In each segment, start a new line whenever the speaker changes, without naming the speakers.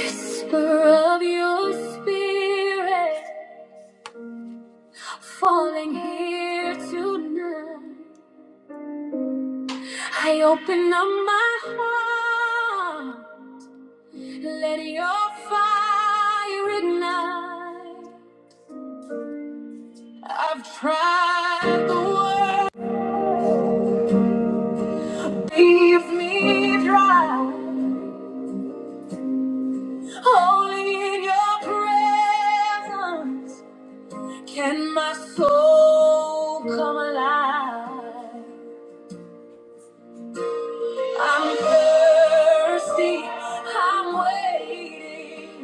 whisper of your spirit falling here tonight. I open up my heart, let your fire ignite. I've tried the world, leave me dry. Only in your presence can my soul come alive. I'm thirsty. I'm waiting.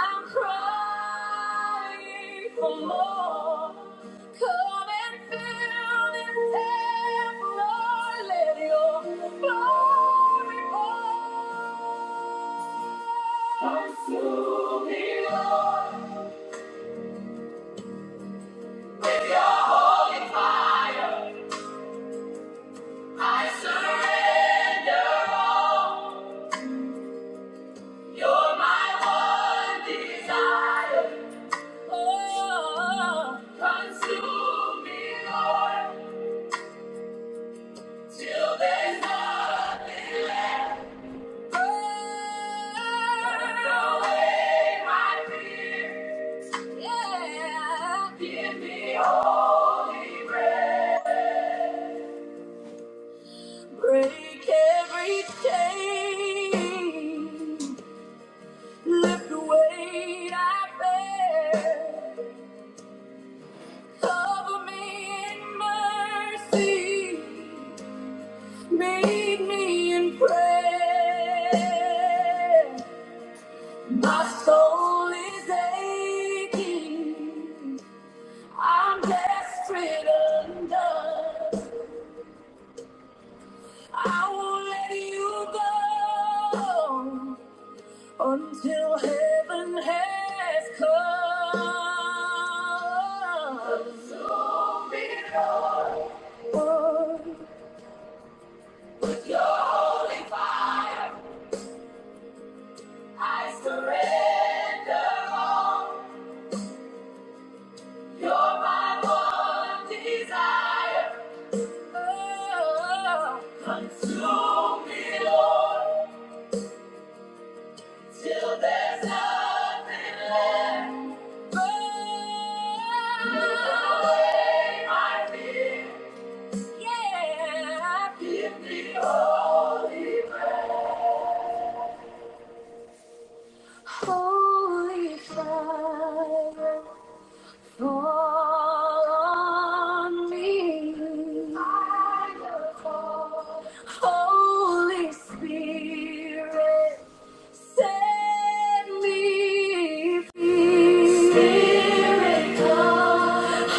I'm crying for more. Come and fill this tap, Lord. Let your glory pour. Consume me, Lord, with your holy fire. I surrender all. You're my one desire. Oh, consume me, Lord, till there's nothing left. Burn away my fears. Yeah. Give me holy breath. Break every chain. Lift the weight I bear. Cover me in mercy. Meet me in prayer. My soul is aching. I'm desperate undone. I won't let you go until heaven has come. Absorb me, Lord. Holy fire, I surrender all. You're my one desire. Oh, consume me, Lord, till there's nothing left. Burn away my fears. Yeah, give me holy, holy fire. fall on me. Holy Spirit. Set me free. Spirit,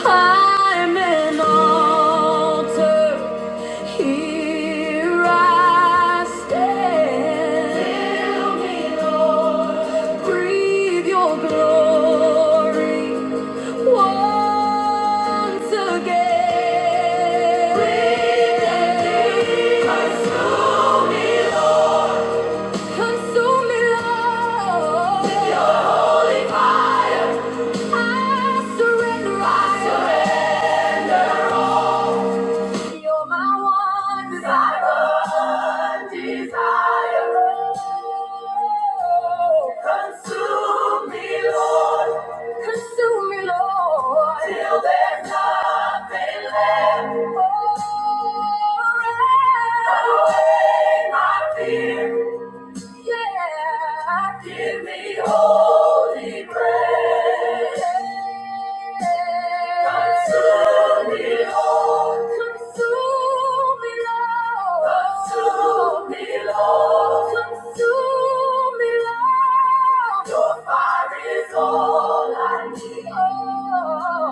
I'm an altar. Here I stand. Fill me, Lord. Breathe your glory once again. Breathe and lead us, Lord. Consume me, Lord. your holy fire. I surrender. I surrender all. You're my one desire. Desire. Consume me, Lord. Consume me, Lord. Till there's nothing left. Oh, burn away my fear. Yeah, give me holy grace. Consume me, Lord. Consume me, Lord. Consume me, Lord. Consume me, Lord. Your fire is all I need. Oh,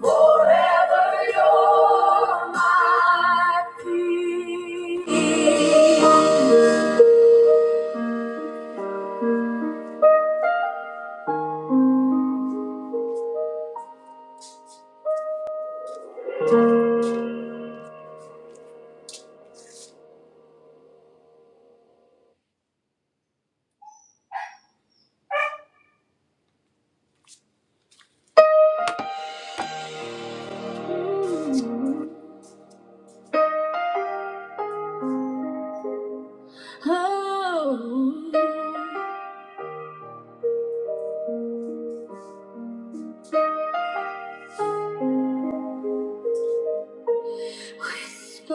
forever you're my peace. Oh, whisper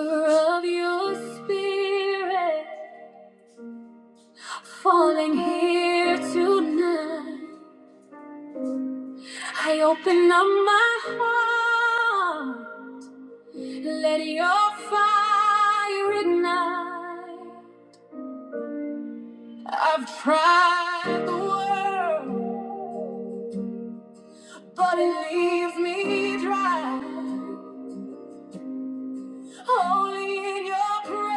of your spirit falling here tonight. I open up my heart, let your fire ignite. I've tried the world, but it leaves me dry. Only in your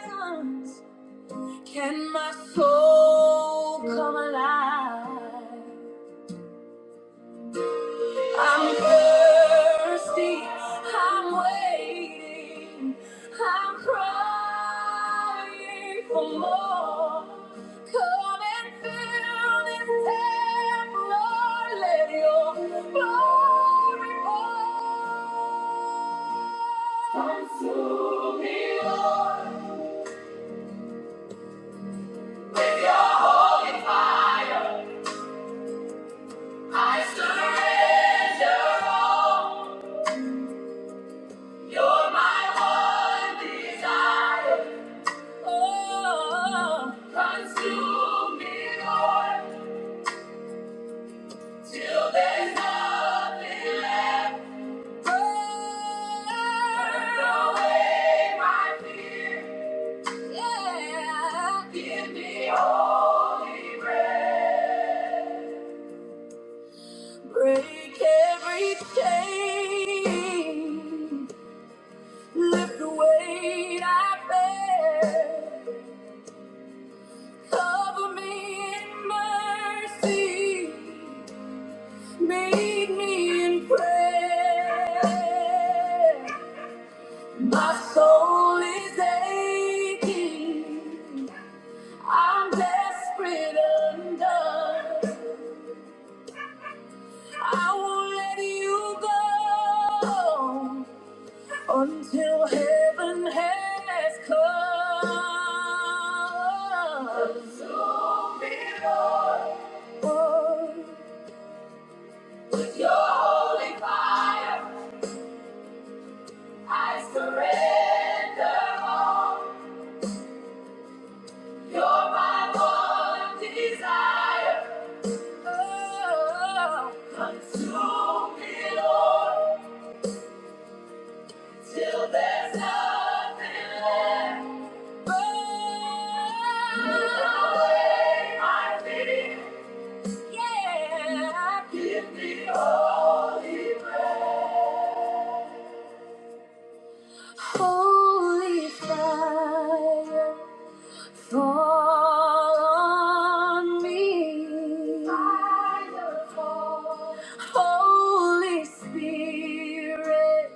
presence. Can my soul come alive? I'm thirsty. I'm waiting. I'm crying for more. Come and fill this temple, Lord. Let your glory pour. Consume me, Lord, with your holy fire. I surrender all. You're my one desire. Oh, consume me, Lord, till there's nothing left. Burn away my fear. Yeah. Give me holy breath. Break every chain. Lift the weight I bear. Cover me in mercy. Meet me in prayer. My soul is aching. I'm desperate undone. I won't let you go. until heaven has come. Consume me, Lord, Lord, with your holy fire. I surrender all. You're my one desire. Oh, consume me, Lord. till there's nothing left. Burn away my fear. Yeah. Give me holy breath. Holy fire, fall on me. Fire, fall. Holy Spirit,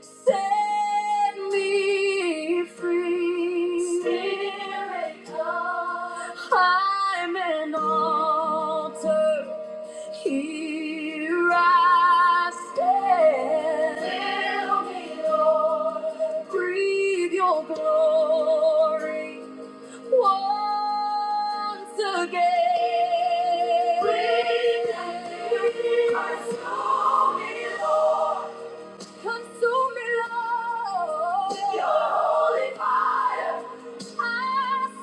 set me free. Spirit, come. I'm an altar. Here I stand. Fill me, Lord. Breathe your glory once again. Breathe and consume me, Lord. Consume me, Lord. With your holy fire. I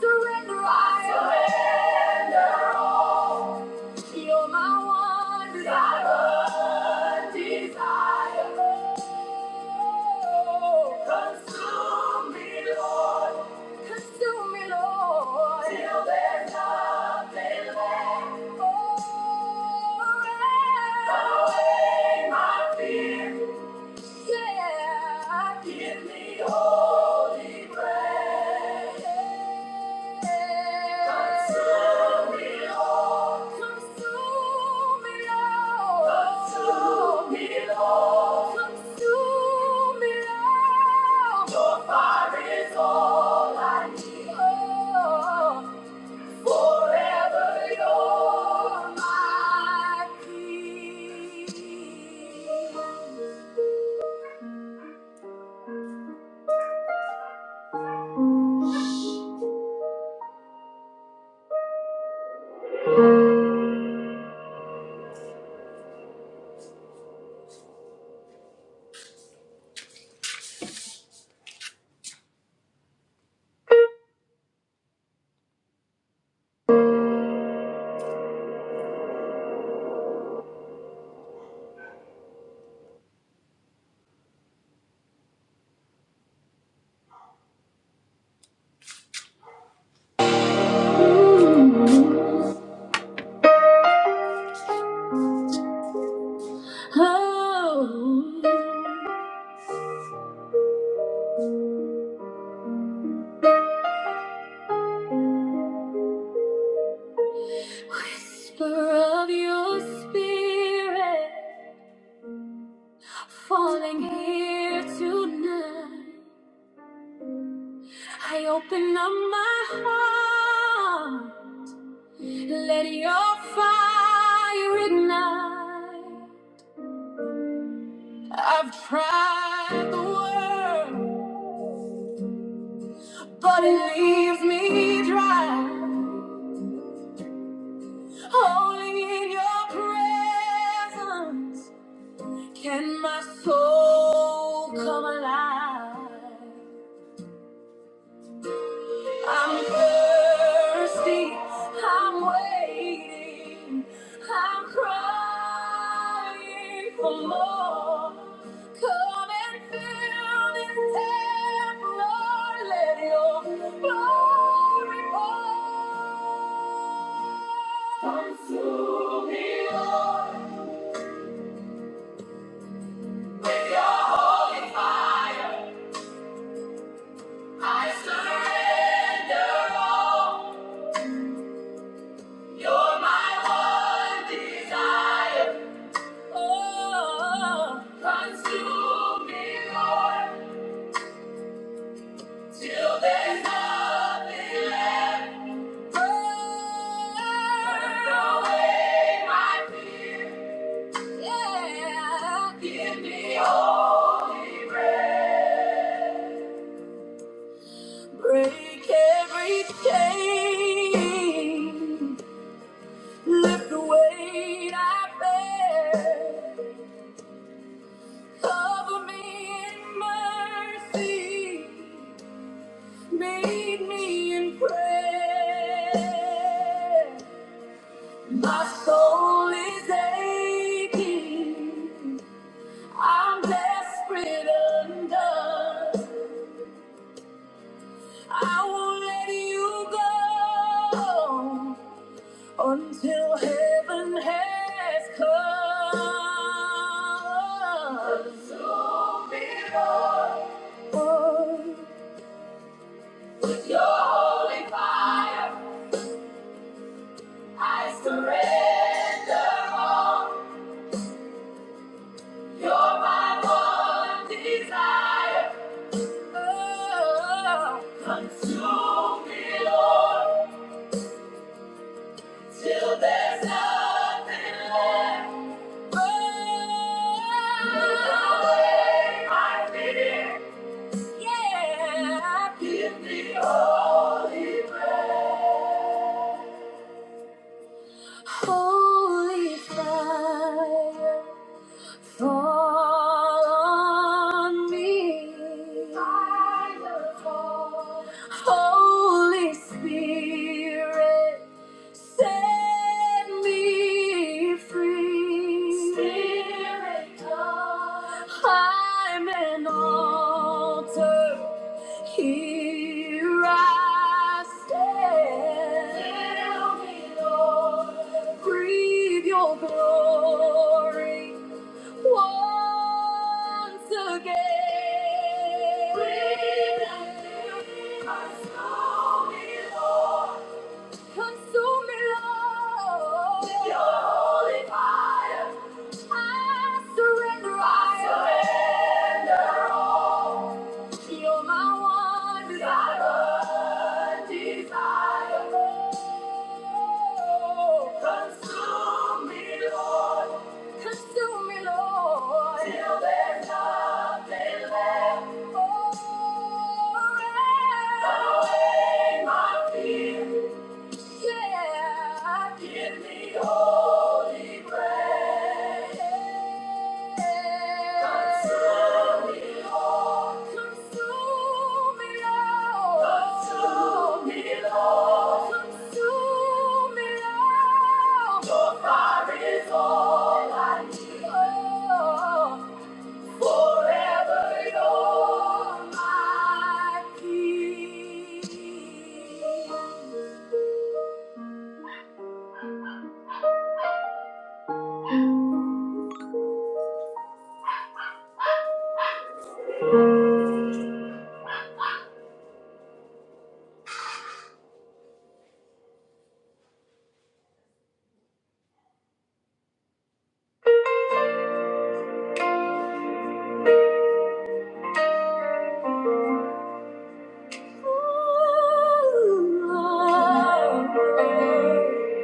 surrender. I surrender all. You're my one desire, desire. Oh, consume me, Lord. Consume me, Lord. Till there's nothing left. Oh, away my fear. Yeah. Give me holy grace. Forever you're my peace. Oh. Whisper of your spirit falling here tonight. I open up my heart, let your fire ignite. I've tried the world, but it leaves me dry. Only in your presence. Can my soul come alive? I'm thirsty. I'm waiting. I'm crying for more. Come and fill this temple. Lord. Let your glory pour. Consume me, Lord, with your holy fire. I surrender all. You're my one desire. Oh, consume me, Lord, till there's nothing left. Burn away my fear. Yeah. Give me holy breath. Break every chain. Lift the weight I bear. Cover me in mercy. Meet me in prayer. My soul is aching. I'm desperate undone. I won't let you go. until heaven has come. And so behold, oh, with your holy fire, I surrender all. You're my one desire. Oh, consume me, Lord. Till there's nothing left. Oh, I did it. Yeah. Give me holy breath. Holy fire. Fall on me. Fire fall. Holy Spirit, set me free. Spirit, come. I'm an altar. Here I stand. Fill me, Lord. Breathe your glory once again. We believe our soul Lord. Consume me, Lord. With your holy fire. I surrender. I surrender all. You're my one desire. Desire. Oh, Consume me, Lord. Consume me, Lord. Till there's nothing left. Oh, burn away my fear. Yeah. Give me holy grace. Consume me, Lord. Consume me, Lord. Consume me, Lord. Consume me, Lord. Your fire is all I need. Oh. Forever you're my peace. Carry me,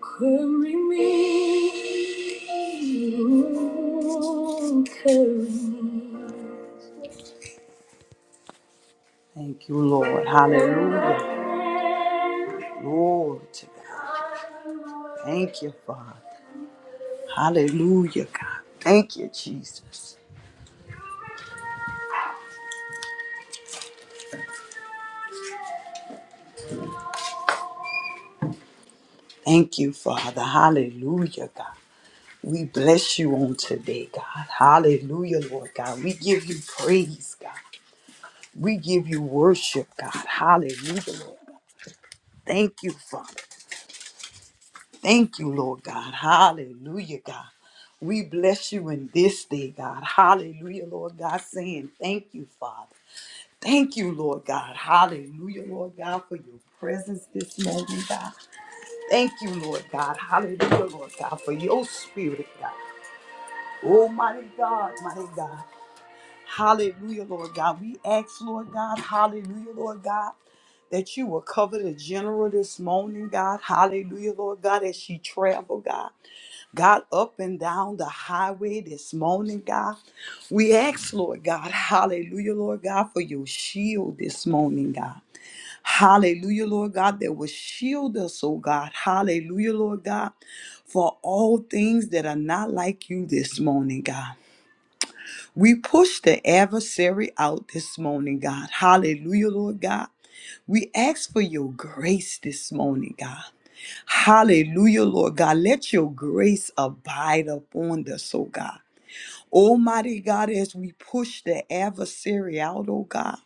carry me. Thank you, Lord. Hallelujah. Glory to God. Thank you, Father. Hallelujah, God. Thank you, Jesus. Thank you, Father. Hallelujah, God. We bless you on today, God. Hallelujah, Lord God. We give you praise, God. We give you worship, God. Hallelujah, Lord God. Thank you, Father. Thank you, Lord God. Hallelujah, God. We bless you in this day, God. Hallelujah, Lord God, saying thank you, Father. Thank you, Lord God. Hallelujah, Lord God, for your presence this morning, God. Thank you, Lord God. Hallelujah, Lord God, for your spirit, God. Almighty God, mighty God. Hallelujah, Lord God. We ask, Lord God, hallelujah, Lord God, that you will cover the general this morning, God. Hallelujah, Lord God, as she travel, God. God, up and down the highway this morning, God. We ask, Lord God, hallelujah, Lord God, for your shield this morning, God. Hallelujah, Lord God, that will shield us, oh God. Hallelujah, Lord God, for all things that are not like you this morning, God. We push the adversary out this morning, God. Hallelujah, Lord God. We ask for your grace this morning, God. Hallelujah, Lord God. Let your grace abide upon us, oh God. Almighty God, as we push the adversary out, oh God,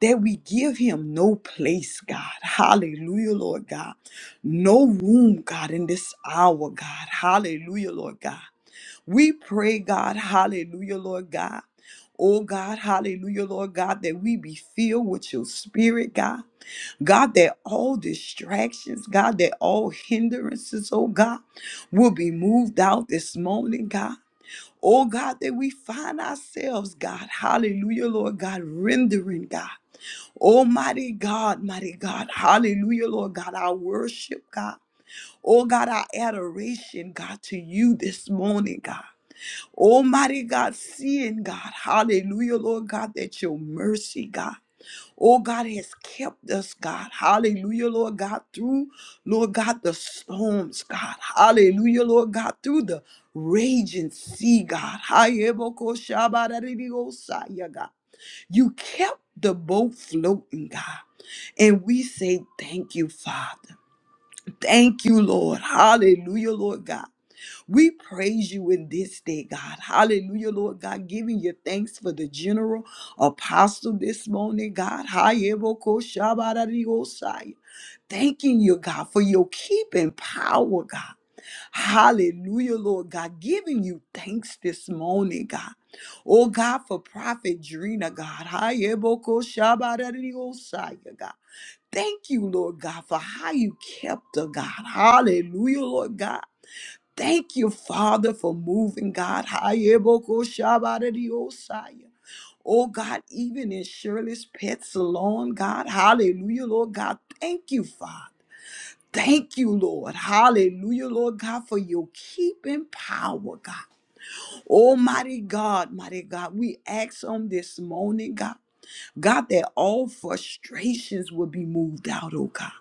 that we give him no place, God. Hallelujah, Lord God. No room, God, in this hour, God. Hallelujah, Lord God. We pray, God, hallelujah, Lord God. Oh God, hallelujah, Lord God, that we be filled with your spirit, God. God, that all distractions, God, that all hindrances, oh God, will be moved out this morning, God. Oh God, that we find ourselves, God, hallelujah, Lord God, rendering, God. Almighty God, mighty God, hallelujah, Lord God, our worship, God. Oh God, our adoration, God, to you this morning, God. Almighty God, seeing God, hallelujah, Lord God, that your mercy, God, oh God, has kept us, God, hallelujah, Lord God, through, Lord God, the storms, God, hallelujah, Lord God, through the raging sea, God, Hayeboko God, you kept the boat floating, God, and we say thank you, Father. Thank you, Lord. Hallelujah, Lord God. We praise you in this day, God. Hallelujah, Lord God. Giving you thanks for the general apostle this morning, God. Hayebokoshabarariosai. Thanking you, God, for your keeping power, God. Hallelujah, Lord God. Giving you thanks this morning, God. Oh, God, for Prophet Drina, God. Hayebokoshabarariosai, God. Thank you, Lord God, for how you kept her, God. Hallelujah, Lord God. Thank you, Father, for moving, God. Hayebokoshabaradiosaya. Oh, God, even in Shirley's pet salon, God. Hallelujah, Lord God. Thank you, Father. Thank you, Lord. Hallelujah, Lord God, for your keeping power, God. Almighty God, mighty God, we ask on this morning, God, God, that all frustrations will be moved out, oh God.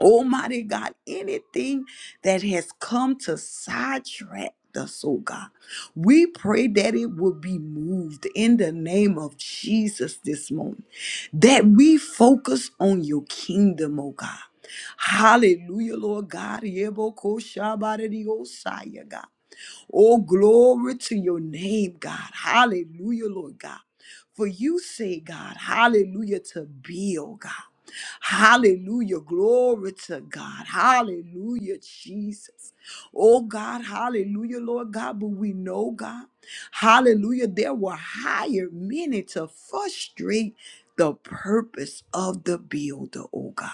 Almighty God, anything that has come to sidetrack us, oh God, we pray that it will be moved in the name of Jesus this morning, that we focus on your kingdom, oh God. Hallelujah, Lord God. Yebokoshabaradiosaya, God. Oh, glory to your name, God. Hallelujah, Lord God. For you say, God, hallelujah, to build, God. Hallelujah. Glory to God. Hallelujah, Jesus. Oh, God. Hallelujah, Lord God. But we know, God, hallelujah, there were higher many to frustrate the purpose of the builder, oh God.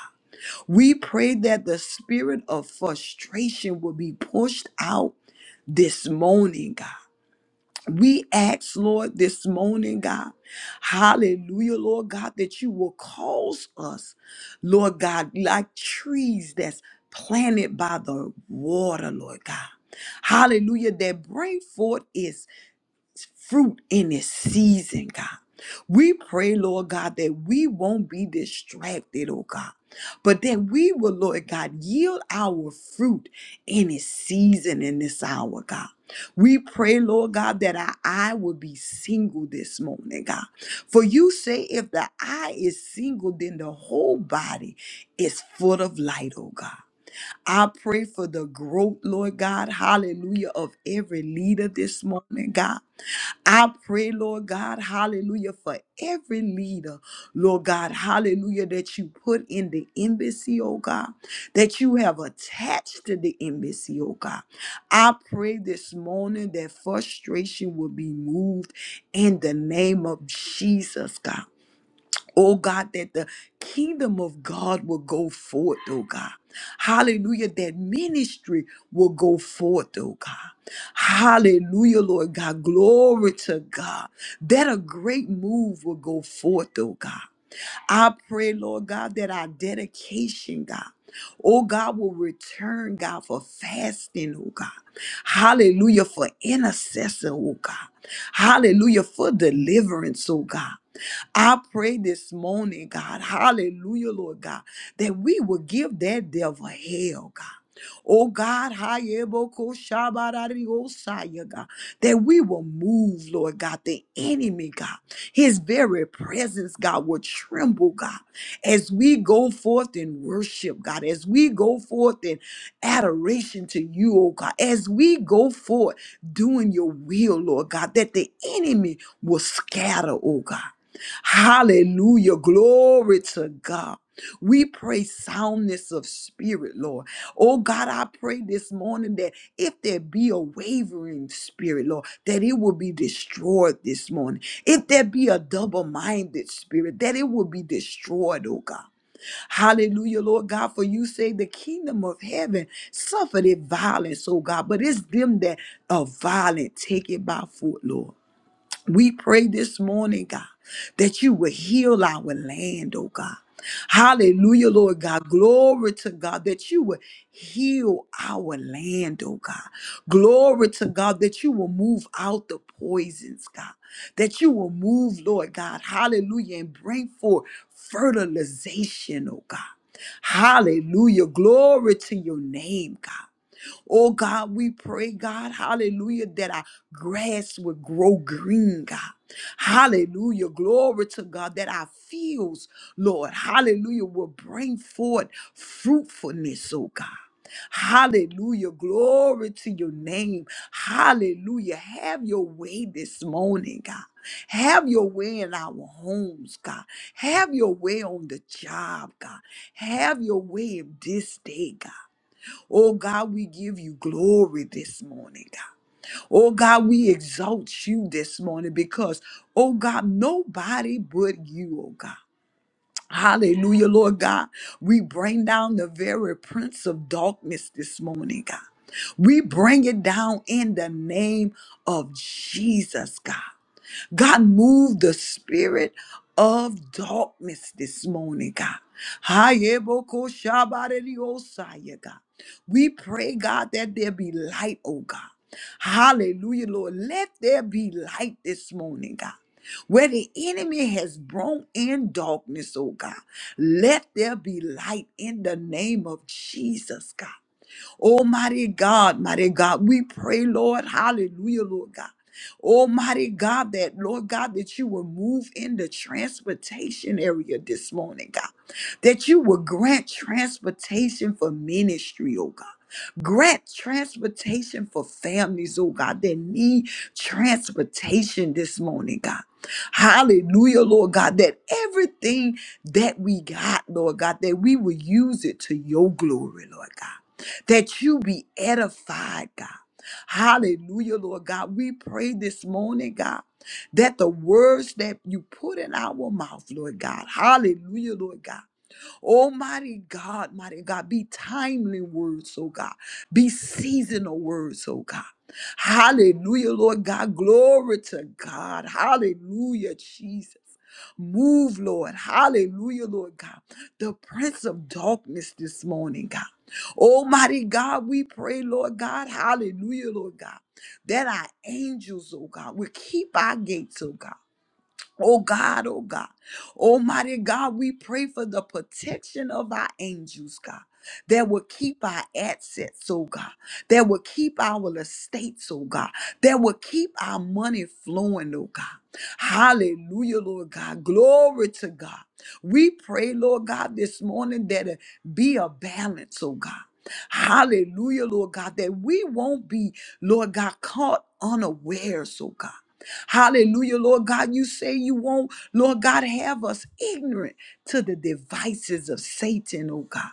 We pray that the spirit of frustration will be pushed out this morning, God. We ask, Lord, this morning, God, hallelujah, Lord God, that you will cause us, Lord God, like trees that's planted by the water, Lord God. Hallelujah, that bring forth its fruit in this season, God. We pray, Lord God, that we won't be distracted, oh God, but that we will, Lord God, yield our fruit in this season, in this hour, God. We pray, Lord God, that our eye will be single this morning, God. For you say, if the eye is single, then the whole body is full of light, oh God. I pray for the growth, Lord God, hallelujah, of every leader this morning, God. I pray, Lord God, hallelujah, for every leader, Lord God, hallelujah, that you put in the embassy, oh God, that you have attached to the embassy, oh God. I pray this morning that frustration will be moved in the name of Jesus, God. Oh God, that the kingdom of God will go forth, oh God. Hallelujah, that ministry will go forth, oh God. Hallelujah, Lord God. Glory to God. That a great move will go forth, oh God. I pray, Lord God, that our dedication, God, oh God, will return, God, for fasting, oh God. Hallelujah, for intercessor, oh God. Hallelujah, for deliverance, oh God. I pray this morning, God, hallelujah, Lord God, that we will give that devil hell, God. Oh God, hayeboko shabarariosaya, God, that we will move, Lord God, the enemy, God, his very presence, God, will tremble, God, as we go forth in worship, God, as we go forth in adoration to you, oh God, as we go forth doing your will, Lord God, that the enemy will scatter, oh God. Hallelujah. Glory to God. We pray soundness of spirit, Lord. Oh God, I pray this morning that if there be a wavering spirit, Lord, that it will be destroyed this morning. If there be a double minded spirit, that it will be destroyed, oh God. Hallelujah, Lord God, for you say the kingdom of heaven suffered it violence, oh God, but it's them that are violent, take it by foot, Lord. We pray this morning, God, that you will heal our land, oh God. Hallelujah, Lord God. Glory to God that you will heal our land, oh God. Glory to God that you will move out the poisons, God. That you will move, Lord God. Hallelujah. And bring forth fertilization, oh God. Hallelujah. Glory to your name, God. Oh God, we pray, God, hallelujah, that our grass would grow green, God. Hallelujah. Glory to God that our fields, Lord, hallelujah, will bring forth fruitfulness, oh God. Hallelujah. Glory to your name. Hallelujah. Have your way this morning, God. Have your way in our homes, God. Have your way on the job, God. Have your way in this day, God. Oh God, we give you glory this morning, God. Oh God, we exalt you this morning because, oh God, nobody but you, oh God. Hallelujah, Lord God. We bring down the very prince of darkness this morning, God. We bring it down in the name of Jesus, God. God, move the spirit of darkness this morning, God. Hayebokoshabarediosaya, God. We pray, God, that there be light, oh God. Hallelujah, Lord. Let there be light this morning, God. Where the enemy has brought in darkness, oh God, let there be light in the name of Jesus, God. Almighty God, mighty God, we pray, Lord, hallelujah, Lord God. Almighty God, that Lord God, that you will move in the transportation area this morning, God. That you will grant transportation for ministry, oh God. Grant transportation for families, oh God, that need transportation this morning, God. Hallelujah, Lord God, that everything that we got, Lord God, that we will use it to your glory, Lord God that you be edified, God. Hallelujah, Lord God. We pray this morning, God, that the words that you put in our mouth, Lord God, hallelujah, Lord God. Almighty God, mighty God, be timely words, oh God. Be seasonal words, oh God. Hallelujah, Lord God. Glory to God. Hallelujah, Jesus. Move, Lord. Hallelujah, Lord God. The Prince of Darkness this morning, God. Almighty God, we pray, Lord God. Hallelujah, Lord God. That our angels, oh God, will keep our gates, oh God. Oh God, oh God. Almighty God, we pray for the protection of our angels, God, that will keep our assets, oh God, that will keep our estates, oh God, that will keep our money flowing, oh God. Hallelujah, Lord God. Glory to God. We pray, Lord God, this morning that it be a balance, oh God. Hallelujah, Lord God, that we won't be, Lord God, caught unawares, oh God. Hallelujah, Lord God. You say you won't, Lord God, have us ignorant to the devices of Satan, oh God.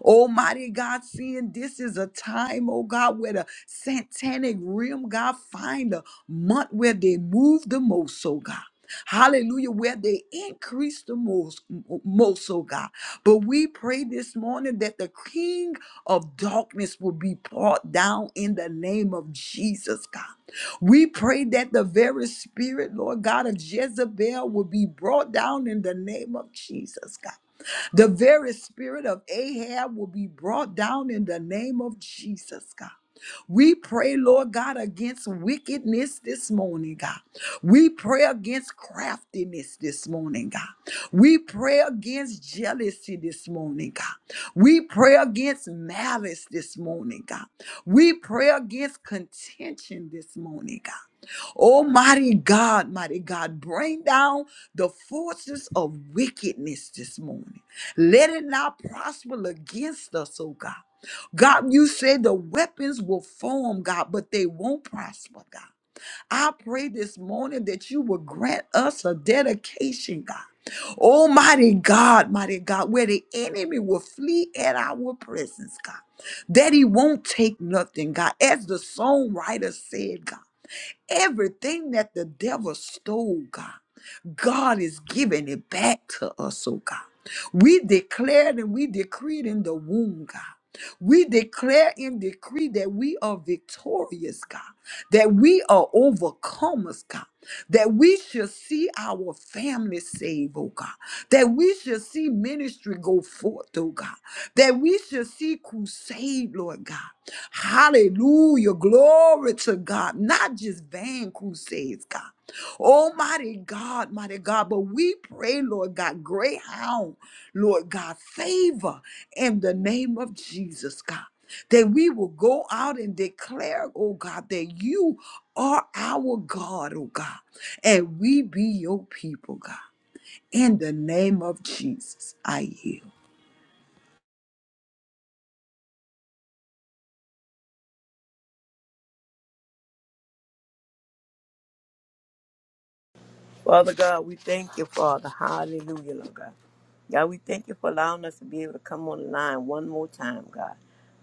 Almighty God, seeing this is a time, oh God, where the satanic realm, God, find a month where they move the most, oh God. Hallelujah, where they increase the most, most, oh God. But we pray this morning that the King of darkness will be brought down in the name of Jesus, God. We pray that the very spirit, Lord God, of Jezebel will be brought down in the name of Jesus, God. The very spirit of Ahab will be brought down in the name of Jesus, God. We pray, Lord God, against wickedness this morning, God. We pray against craftiness this morning, God. We pray against jealousy this morning, God. We pray against malice this morning, God. We pray against contention this morning, God. Almighty God, mighty God, bring down the forces of wickedness this morning. Let it not prosper against us, oh God. God, you said the weapons will form, God, but they won't prosper, God. I pray this morning that you will grant us a dedication, God. Almighty God, mighty God, where the enemy will flee at our presence, God. That he won't take nothing, God. As the songwriter said, God. Everything that the devil stole, God. God is giving it back to us, oh God. We declared and we decreed in the womb, God. We declare and decree that we are victorious, God, that we are overcomers, God, that we shall see our family saved, oh God, that we shall see ministry go forth, oh God, that we shall see crusade, Lord God. Hallelujah. Glory to God. Not just vain crusades, God. Oh, mighty God, mighty God. But we pray, Lord God, greyhound, Lord God, favor in the name of Jesus, God. That we will go out and declare, oh God, that you are our God, oh God, and we be your people, God. In the name of Jesus, I yield.
Father God, we thank you, Father. Hallelujah, Lord God. God, we thank you for allowing us to be able to come on the line one more time, God.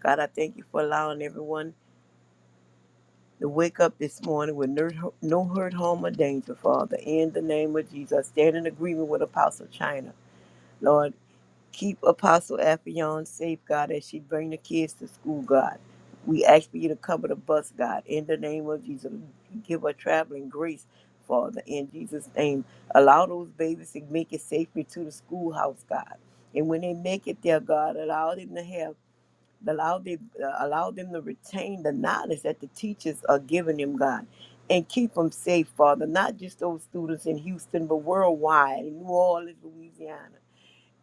God, I thank you for allowing everyone to wake up this morning with no, no hurt, harm, or danger, Father. In the name of Jesus, I stand in agreement with Apostle China. Lord, Keep Apostle Affion safe, God, as she bring the kids to school, God. We ask for you to cover the bus, God, in the name of Jesus. Give her traveling grace, Father, in Jesus' name. Allow those babies to make it safely to the schoolhouse, God. And when they make it there, God, allow them to have, allow them, uh, allow them to retain the knowledge that the teachers are giving them, God. And keep them safe, Father, not just those students in Houston, but worldwide, in New Orleans, Louisiana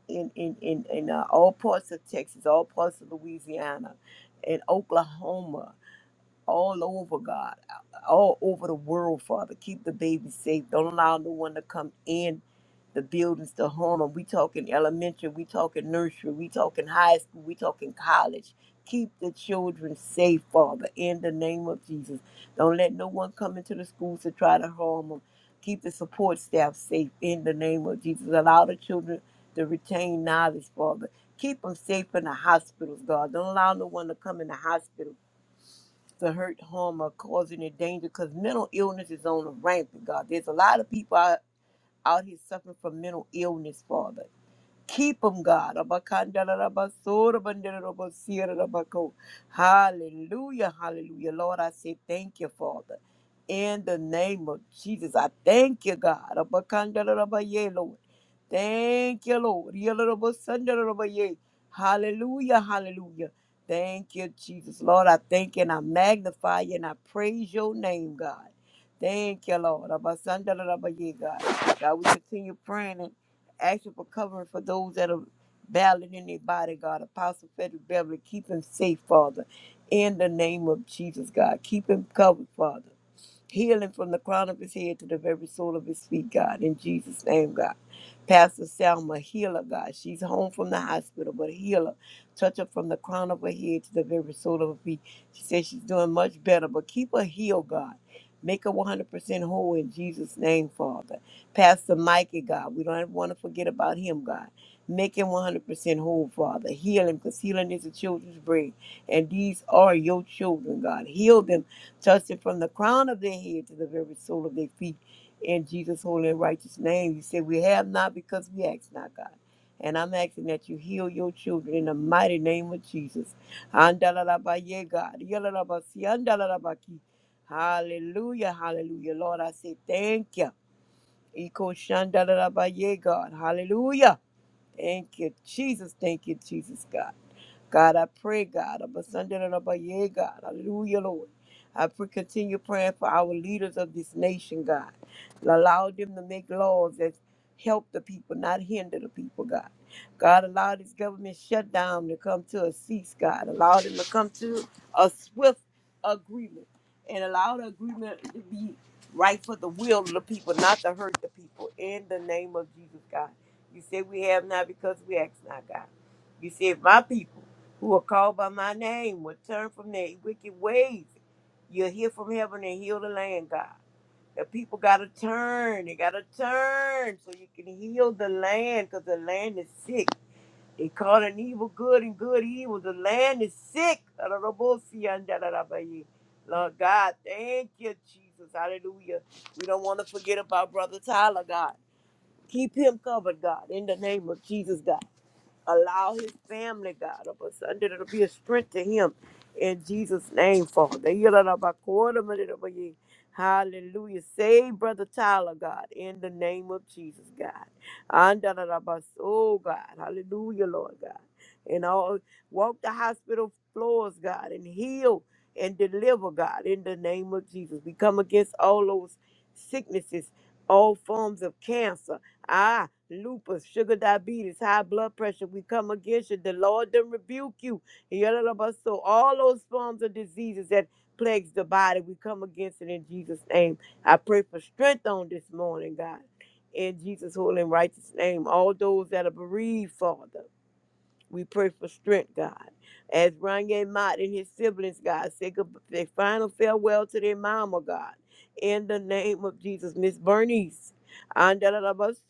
in in in, in uh, all parts of Texas, all parts of Louisiana, in Oklahoma all over, God, all over the world, Father. Keep the baby safe. Don't allow no one to come in the buildings to harm them. We talking elementary, we talking nursery, we talking high school, we talking college. Keep the children safe, Father, in the name of Jesus. Don't let no one come into the schools to try to harm them. Keep the support staff safe in the name of Jesus. Allow the children to retain knowledge, Father. Keep them safe in the hospitals, God. Don't allow no one to come in the hospital to hurt, harm, or cause any danger because mental illness is on the rampant, God. There's a lot of people out, out here suffering from mental illness, Father. Keep them, God. Abakandarabasorabandarabasorabako. Hallelujah, hallelujah. Lord, I say thank you, Father. In the name of Jesus, I thank you, God. Abakandarabaye, Lord. Thank you, Lord. Yalarabasandarabaye. Hallelujah, hallelujah. Thank you, Jesus. Lord, I thank you and I magnify you and I praise your name, God. Thank you, Lord. Abasandarabaye, God. God, we continue praying. Asking for covering for those that are battling in their body, God. Apostle Frederick Beverly, keep him safe, Father. In the name of Jesus, God. Keep him covered, Father. Healing from the crown of his head to the very sole of his feet, God. In Jesus' name, God. Pastor Selma, healer, God. She's home from the hospital, but healer. Touch her from the crown of her head to the very sole of her feet. She says she's doing much better, but keep her healed, God. Make her 100% whole in Jesus' name, Father. Pastor Mikey, God. We don't want to forget about him, God. Make him 100% whole, Father. Heal him because healing is a children's bread. And these are your children, God. Heal them Touch them from the crown of their head to the very sole of their feet. In Jesus' holy and righteous name, you say, We have not because we ask not, God. And I'm asking that you heal your children in the mighty name of Jesus. Andalalabaye, God. Yalalabasi, andalalabaki. Hallelujah, hallelujah. Lord, I say thank you. Iko shandalalabaye, God. Hallelujah. Thank you, Jesus. Thank you, Jesus, God. God, I pray, God, of yeah, God, hallelujah, Lord. I pray, continue praying for our leaders of this nation, God. Allow them to make laws that help the people, not hinder the people, God. God, allow this government shutdown to come to a cease, God. Allow them to come to a swift agreement and allow the agreement to be right for the will of the people, not to hurt the people. In the name of Jesus, God. You said we have not because we ask not, God. You said my people who are called by my name will turn from their wicked ways. You'll hear from heaven and heal the land, God. The people got to turn. They got to turn so you can heal the land because the land is sick. They call an evil good and good evil. The land is sick. Lord God, thank you, Jesus. Hallelujah. We don't want to forget about Brother Tyler, God. Keep him covered, God, in the name of Jesus, God. Allow his family, God, of us it'll be a strength to him in Jesus' name, Father. yidda da ba ko da ma da Hallelujah. Save Brother Tyler, God, in the name of Jesus, God. Anda-da-da-ba- Oh, God. Hallelujah, Lord God. And all walk the hospital floors, God, and heal and deliver, God, in the name of Jesus. We come against all those sicknesses, all forms of cancer. Ah, lupus, sugar diabetes, high blood pressure. We come against you. The Lord done rebuke you. Yalabas- So all those forms of diseases that plagues the body, we come against it in Jesus' name. I pray for strength on this morning, God. In Jesus' holy and righteous name. All those that are bereaved, Father. We pray for strength, God. As Ranye Mott and his siblings, God, say good- their final farewell to their mama, God. In the name of Jesus, Miss Bernice. Andalabaso,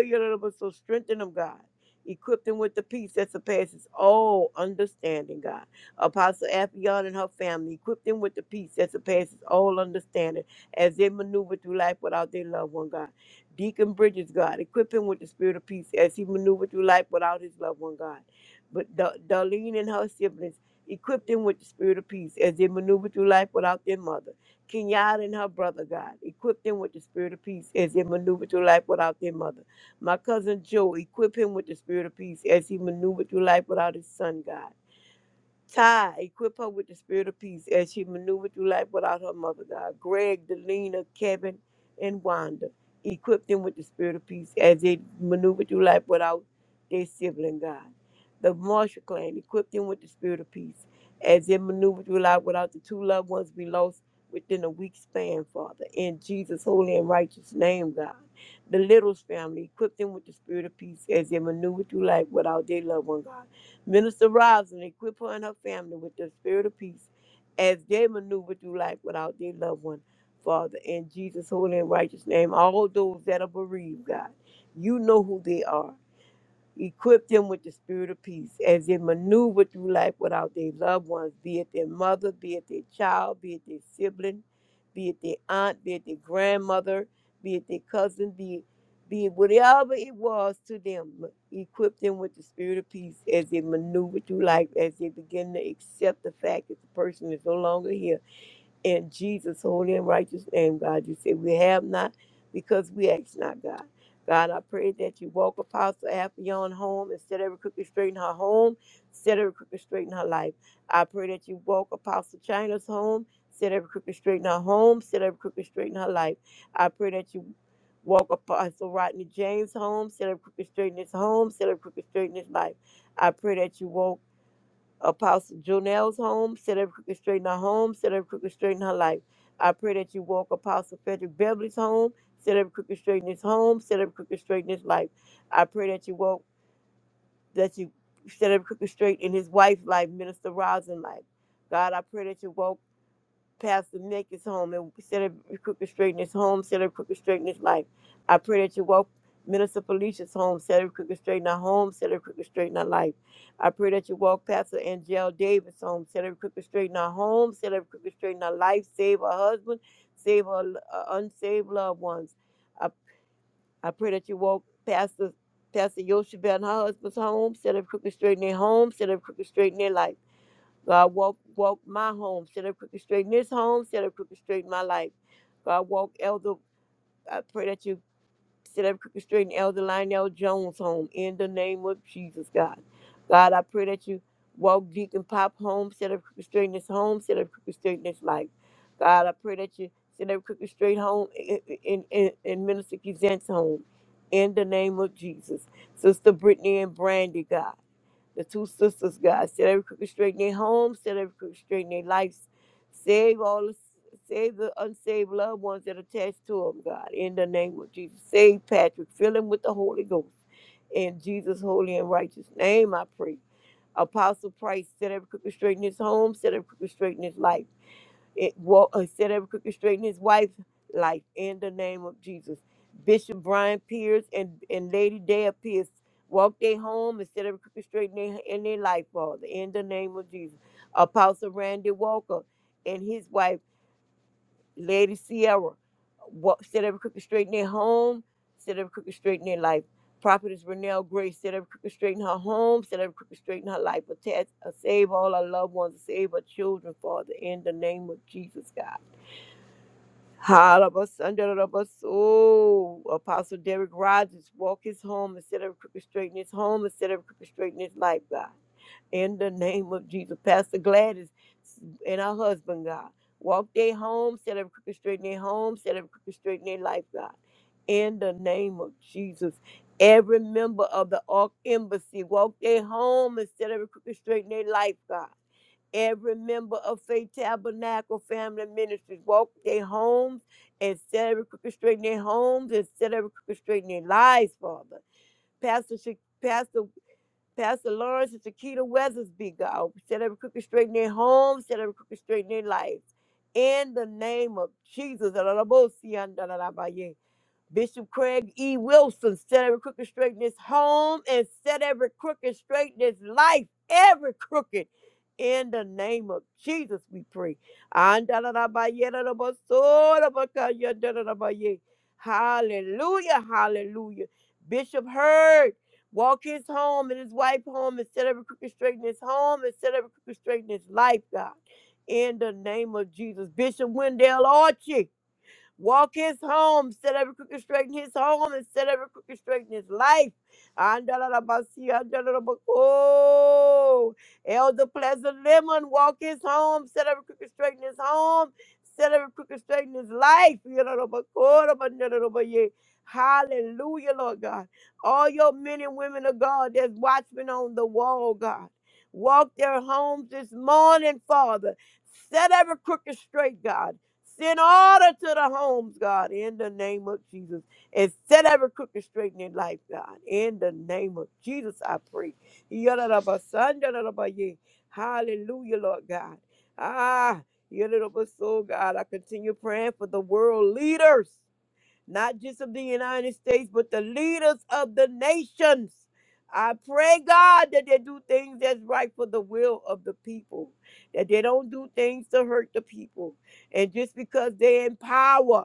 yalabaso, Strengthen them, God. Equip them with the peace that surpasses all understanding, God. Apostle Afion and her family, equip them with the peace that surpasses all understanding as they maneuver through life without their loved one, God. Deacon Bridges, God, equip him with the spirit of peace as he maneuvered through life without his loved one, God. But Da- Darlene and her siblings, equip them with the spirit of peace as they maneuver through life without their mother. Kenyatta and her brother, God, equip them with the spirit of peace as they maneuver through life without their mother. My cousin Joe, equip him with the spirit of peace as he maneuvered through life without his son, God. Ty, equip her with the spirit of peace as she maneuvered through life without her mother, God. Greg, Delina, Kevin, and Wanda, equip them with the spirit of peace as they maneuver through life without their sibling, God. The Marshall clan, equip them with the spirit of peace as they maneuver through life without the two loved ones we lost within a week span, Father. In Jesus' holy and righteous name, God. The Littles family, equip them with the spirit of peace as they maneuver through life without their loved one, God. Minister Rosin, equip her and her family with the spirit of peace as they maneuver through life without their loved one. Father, in Jesus' holy and righteous name, all those that are bereaved, God, you know who they are. Equip them with the spirit of peace as they maneuver through life without their loved ones, be it their mother, be it their child, be it their sibling, be it their aunt, be it their grandmother, be it their cousin, be be it whatever it was to them. Equip them with the spirit of peace as they maneuver through life, as they begin to accept the fact that the person is no longer here in Jesus' holy and righteous name, God, you say we have not because we ask not, God. God, I pray that you walk Apostle Appion home and set every crooked straight in her home, set every crooked straight in her life. I pray that you walk Apostle China's home, set every crooked straight in her home, set every crooked straight in her life. I pray that you walk Apostle Rodney James home, set every crooked straight in his home, set every crooked straight in his life. I pray that you walk. Apostle Jonelle's home, set every crooked straight in her home, set every crooked straight in her life. I pray that you walk Apostle Frederick Beverly's home, set every crooked straight in his home, set every crooked straight in his life. I pray that you walk, that you set every crooked straight in his wife's life, Minister Rosin's life. God, I pray that you walk. Pastor Nick is home and set every crooked straight in his home, set every crooked straight in his life. I pray that you walk Minister Felicia's home, set every crooked straight in her home, set every crooked straight in her life. I pray that you walk Pastor Angel Davis home, set every crooked straight in her home, set every crooked straight in her life, save her husband, save her uh, unsaved loved ones. I, I pray that you walk Pastor Pastor Yoshibel and her husband's home, set every crooked straight in their home, set every crooked straight in their life. God, walk, walk my home. Set up crooked straight in this home. Set up crooked straight in my life. God, walk Elder. I pray that you set up crooked straight in Elder Lionel Jones' home in the name of Jesus, God. God, I pray that you walk Deacon Pop home. Set up crooked straight in his home. Set up crooked straight in his life. God, I pray that you set up crooked straight home in, in, in, in Minister Kizant's home in the name of Jesus. Sister Brittany and Brandy, God the two sisters, God. Set every crooked straight in their homes, set every crooked straight in their lives. Save all the save the unsaved loved ones that are attached to them, God. In the name of Jesus. Save Patrick. Fill him with the Holy Ghost. In Jesus' holy and righteous name, I pray. Apostle Price, set every crooked straight in his home, set every crooked straight in his life. It will uh, set every crooked straight in his wife's life in the name of Jesus. Bishop Brian Pierce and, and Lady Dale Pierce walk their home and set every crooked straight in their, in their life, Father, in the name of Jesus. Apostle Randy Walker and his wife, Lady Sierra, walk, set every crooked straight in their home, set every crooked straight in their life. Prophetess Renelle Grace, set every crooked straight in her home, set every crooked straight in her life. Attach, uh, save all our loved ones, save our children, Father, in the name of Jesus, God. Halabasandarabaso. Apostle Derek Rogers, walk his home instead of crooked straightening his home instead of crooked straightening his life, God in the name of Jesus. Pastor Gladys and her husband, God. Walk their home, set up crooked straight in their home, set up crooked straight in their life, God. In the name of Jesus. Every member of the Ark Embassy, walk their home and set every crooked straight in their life, God. Every member of Faith Tabernacle Family Ministries, walk their homes and set every crooked straight in their homes and set every crooked straight in their lives, Father. Pastor, Sha- Pastor Pastor Lawrence and Shakita Weathersby, God. Set every crooked straight in their homes, set every crooked straight in their lives. In the name of Jesus. Bishop Craig E. Wilson set every crooked straight in his home and set every crooked straight in his life, every crooked. In the name of Jesus, we pray. Andalalabayelalabasorabakayadalalabaye. Hallelujah, hallelujah. Bishop Heard, walk his home and his wife's home and set every crooked straight in his home and set every crooked straight in his life, God. In the name of Jesus. Bishop Wendell Archie, Walk his home, set every crooked straight in his home, and set every crooked straight in his life. Andalabasi, andalabako. Elder Pleasant Lemon, walk his home, set every crooked straight in his home, set every crooked straight in his life. Yadalabako, andalabaye. Hallelujah, Lord God. All your men and women of God that's watchmen on the wall, God. Walk their homes this morning, Father. Set every crooked straight, God. Send order to the homes, God, in the name of Jesus. And set every crooked straight in their life, God. In the name of Jesus, I pray. Yadadabasandaradabaya. Hallelujah, Lord God. Ah, yadadabaso, God. I continue praying for the world leaders not just of the United States, but the leaders of the nations. I pray, God, that they do things that's right for the will of the people, that they don't do things to hurt the people. And just because they're in power,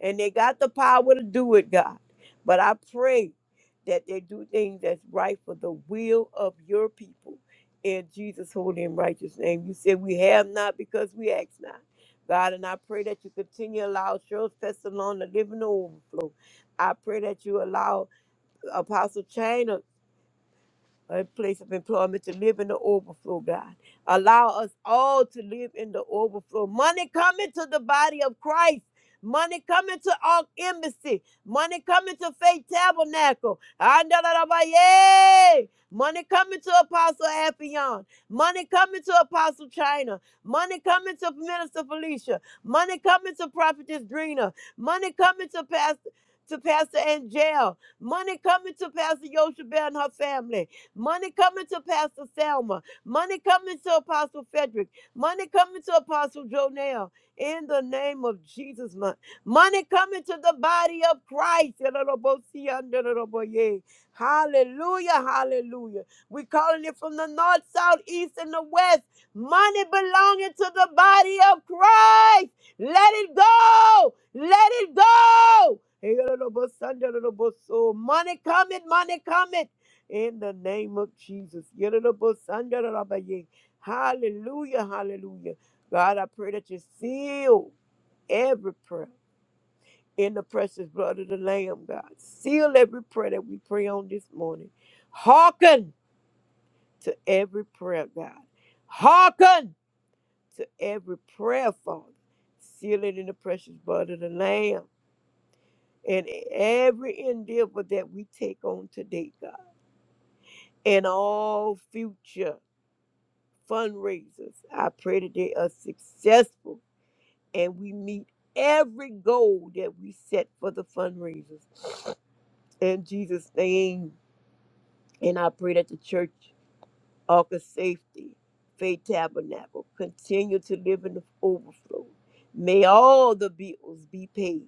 and they got the power to do it, God. But I pray that they do things that's right for the will of your people in Jesus' holy and righteous name. You said we have not because we ask not. God, and I pray that you continue to allow Cheryl's testimony to live in the overflow. I pray that you allow Apostle China a place of employment to live in the overflow, God. Allow us all to live in the overflow. Money coming to the body of Christ. Money coming to Ark Embassy. Money coming to Faith Tabernacle. Andalarabaye! Money coming to Apostle Appion. Money coming to Apostle China. Money coming to Minister Felicia. Money coming to Prophetess Drina. Money coming to Pastor to Pastor Angel. Money coming to Pastor Yoshabel and her family. Money coming to Pastor Selma. Money coming to Apostle Frederick. Money coming to Apostle Jonell. In the name of Jesus, mon- money coming to the body of Christ. Hallelujah, hallelujah. We're calling it from the north, south, east, and the west. Money belonging to the body of Christ. Let it go. Let it go. Hey, little boy, son, little boy, so Money coming, money coming in the name of Jesus. Yadadabasandadarabaya. Hallelujah, hallelujah. God, I pray that you seal every prayer in the precious blood of the Lamb, God. Seal every prayer that we pray on this morning. Hearken to every prayer, God. Hearken to every prayer, Father. Seal it in the precious blood of the Lamb and every endeavor that we take on today, God, and all future. fundraisers. I pray that they are successful and we meet every goal that we set for the fundraisers. In Jesus' name, and I pray that the church, Ark of Safety, Faith Tabernacle, continue to live in the overflow. May all the bills be paid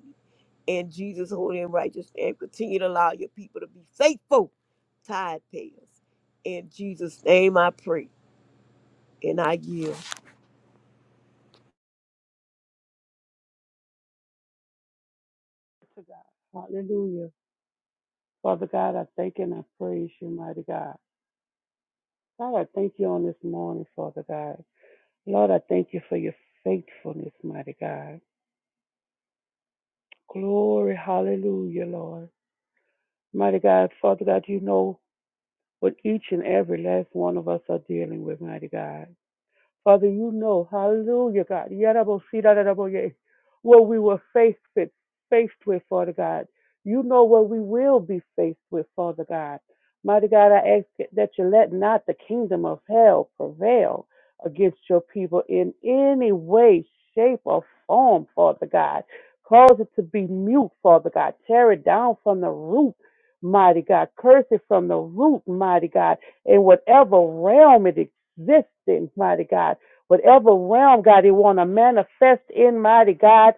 in Jesus' holy and righteous name. Continue to allow your people to be faithful tithe payers. In Jesus' name I pray and I yield.
to God. Hallelujah. Father God, I thank and I praise you, mighty God. God, I thank you on this morning, Father God. Lord, I thank you for your faithfulness, mighty God. Glory, hallelujah, Lord. Mighty God, Father God, you know what each and every last one of us are dealing with, mighty God. Father, you know, hallelujah, God, Yarabosirararaboye, what we were faced with, faced with, Father God. You know what we will be faced with, Father God. Mighty God, I ask that you let not the kingdom of hell prevail against your people in any way, shape, or form, Father God. Cause it to be mute, Father God. Tear it down from the root, mighty God. Curse it from the root, mighty God. In whatever realm it existence, mighty God. Whatever realm, God, you want to manifest in, mighty God,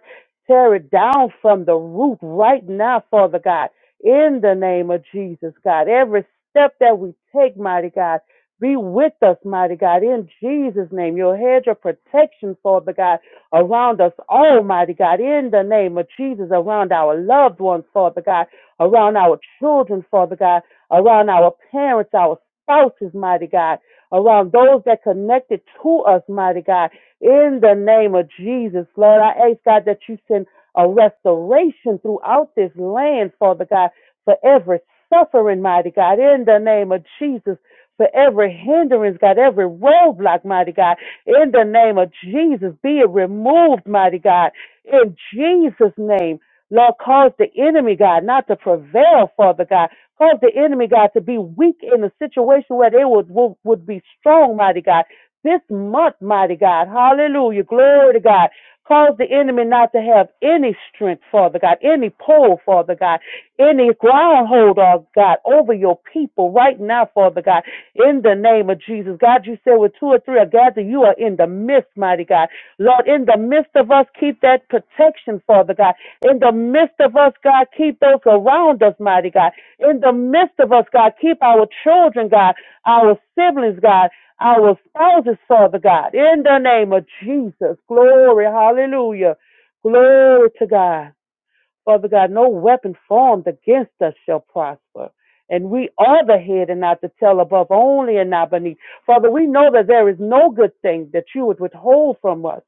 tear it down from the root right now, Father God. In the name of Jesus, God. Every step that we take, mighty God, be with us, mighty God. In Jesus' name, your hedge of protection, Father God, around us all, mighty God. In the name of Jesus, around our loved ones, Father God, around our children, Father God, around our parents, our spouses, mighty God around those that connected to us, mighty God. In the name of Jesus, Lord, I ask God that you send a restoration throughout this land, Father God, for every suffering, mighty God. In the name of Jesus, for every hindrance, God, every roadblock, mighty God. In the name of Jesus, be it removed, mighty God. In Jesus' name. Lord, cause the enemy, God, not to prevail, Father God. Cause the enemy, God, to be weak in a situation where they would, would, would be strong, mighty God. This month, mighty God, hallelujah, glory to God. Cause the enemy not to have any strength, Father God, any pole, Father God, any groundhold, oh God, over your people right now, Father God, in the name of Jesus. God, you said with two or three are gathered, you are in the midst, mighty God. Lord, in the midst of us, keep that protection, Father God. In the midst of us, God, keep those around us, mighty God in the midst of us, God. Keep our children, God, our siblings, God, our spouses, Father God, in the name of Jesus. Glory, hallelujah. Glory to God. Father God, no weapon formed against us shall prosper. And we are the head and not the tail, above only and not beneath. Father, we know that there is no good thing that you would withhold from us.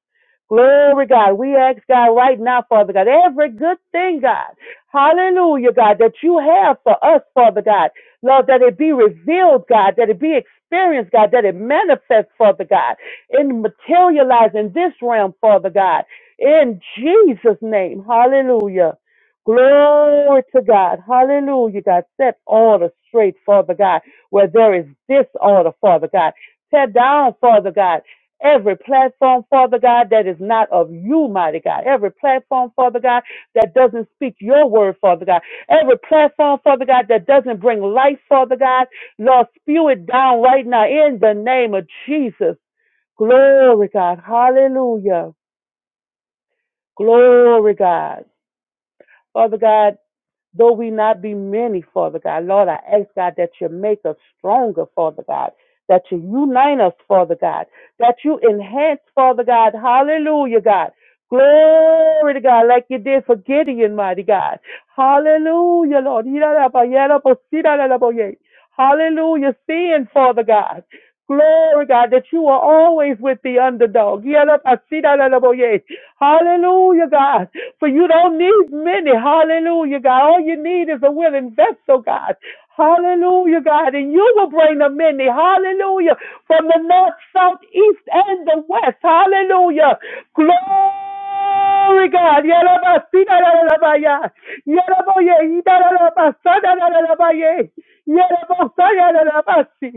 Glory, God. We ask, God, right now, Father God, every good thing, God, hallelujah, God, that you have for us, Father God. Lord, that it be revealed, God, that it be experienced, God, that it manifests, Father God, and materialize in this realm, Father God. In Jesus' name, hallelujah. Glory to God. Hallelujah, God. Set order straight, Father God, where there is disorder, Father God. Tear down, Father God, every platform, Father God, that is not of you, mighty God. Every platform, Father God, that doesn't speak your word, Father God. Every platform, Father God, that doesn't bring life, Father God. Lord, spew it down right now in the name of Jesus. Glory, God. Hallelujah. Glory, God. Father God. Though we not be many, Father God, Lord, I ask God that you make us stronger, Father God, that you unite us, Father God, that you enhance, Father God, hallelujah, God. Glory to God, like you did for Gideon, mighty God. Hallelujah, Lord. Hallelujah, sin, Father God. Glory, God, that you are always with the underdog. Yalabasiralaboye. Hallelujah, God. For you don't need many. Hallelujah, God. All you need is a willing vessel, God. Hallelujah, God. And you will bring the many. Hallelujah. From the north, south, east, and the west. Hallelujah. Glory. Glory God. Yarabasina yarabaya. Yaraboye idarabasana yarabaye. Yarabosaya yarabasi.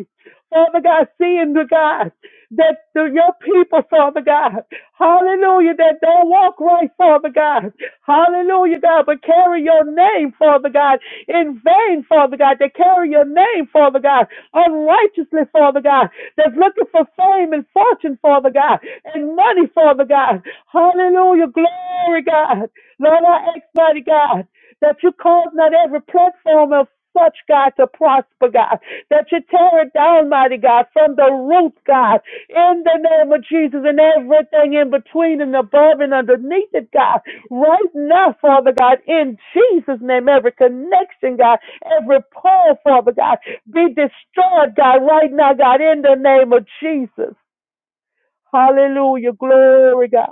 Father God, seeing the God that the, your people, Father God, hallelujah, that don't walk right, Father. Father God. Hallelujah, God. But carry your name, Father God, in vain, Father God. They carry your name, Father God, unrighteously, Father God. That's looking for fame and fortune, Father God, and money, Father God. Hallelujah, glory, God. Lord, I ask, mighty God, that you cause not every platform of such, God, to prosper, God, that you tear it down, mighty God, from the root, God, in the name of Jesus, and everything in between and above and underneath it, God, right now, Father God, in Jesus' name, every connection, God, every pole, Father God, be destroyed, God, right now, God, in the name of Jesus. Hallelujah. Glory, God.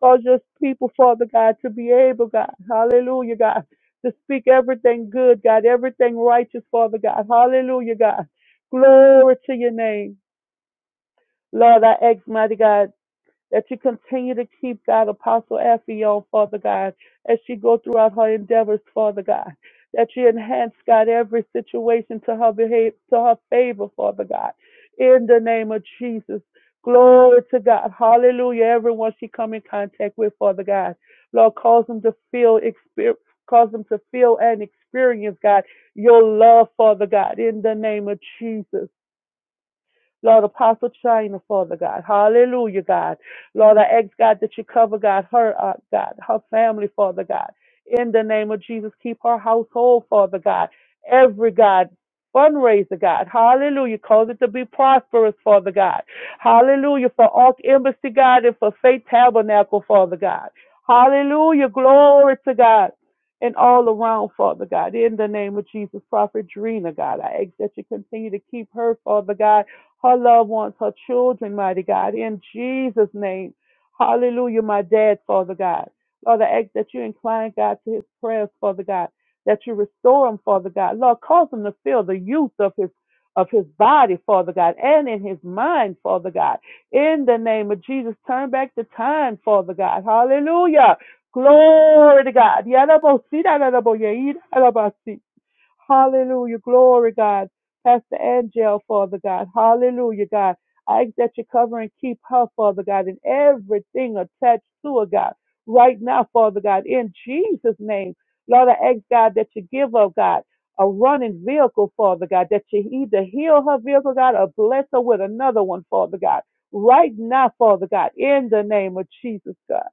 Cause your people, Father God, to be able, God. Hallelujah, God. To speak everything good, God. Everything righteous, Father God. Hallelujah, God. Glory to your name. Lord, I ask, mighty God that you continue to keep God, Apostle Afion, Father God, as she go throughout her endeavors, Father God. That you enhance, God, every situation to her behavior, to her favor, Father God. In the name of Jesus. Glory to God. Hallelujah. Everyone she come in contact with, Father God. Lord, cause them to feel experience. Cause them to feel and experience, God, your love, Father God, in the name of Jesus. Lord, Apostle China, Father God. Hallelujah, God. Lord, I ask, God, that you cover, God, her, uh, God, her family, Father God. In the name of Jesus, keep her household, Father God. Every, God, fundraiser, God. Hallelujah. Cause it to be prosperous, Father God. Hallelujah. For Ark Embassy, God, and for Faith Tabernacle, Father God. Hallelujah. Glory to God. And all around, Father God, in the name of Jesus, Prophet Drina, God, I ask that you continue to keep her, Father God, her loved ones, her children, mighty God, in Jesus' name. Hallelujah, my dad, Father God. Lord, I ask that you incline, God, to his prayers, Father God, that you restore him, Father God. Lord, cause him to feel the youth of his of his body, Father God, and in his mind, Father God. In the name of Jesus, turn back the time, Father God. Hallelujah. Glory to God. Yadabo, sidadabo, yeidadabasi. Hallelujah. Glory, God. Pastor Angel, Father God. Hallelujah, God. I ask that you cover and keep her, Father God, and everything attached to her, God, right now, Father God, in Jesus' name. Lord, I ask, God, that you give her, God, a running vehicle, Father God, that you either heal her vehicle, God, or bless her with another one, Father God, right now, Father God, in the name of Jesus, God.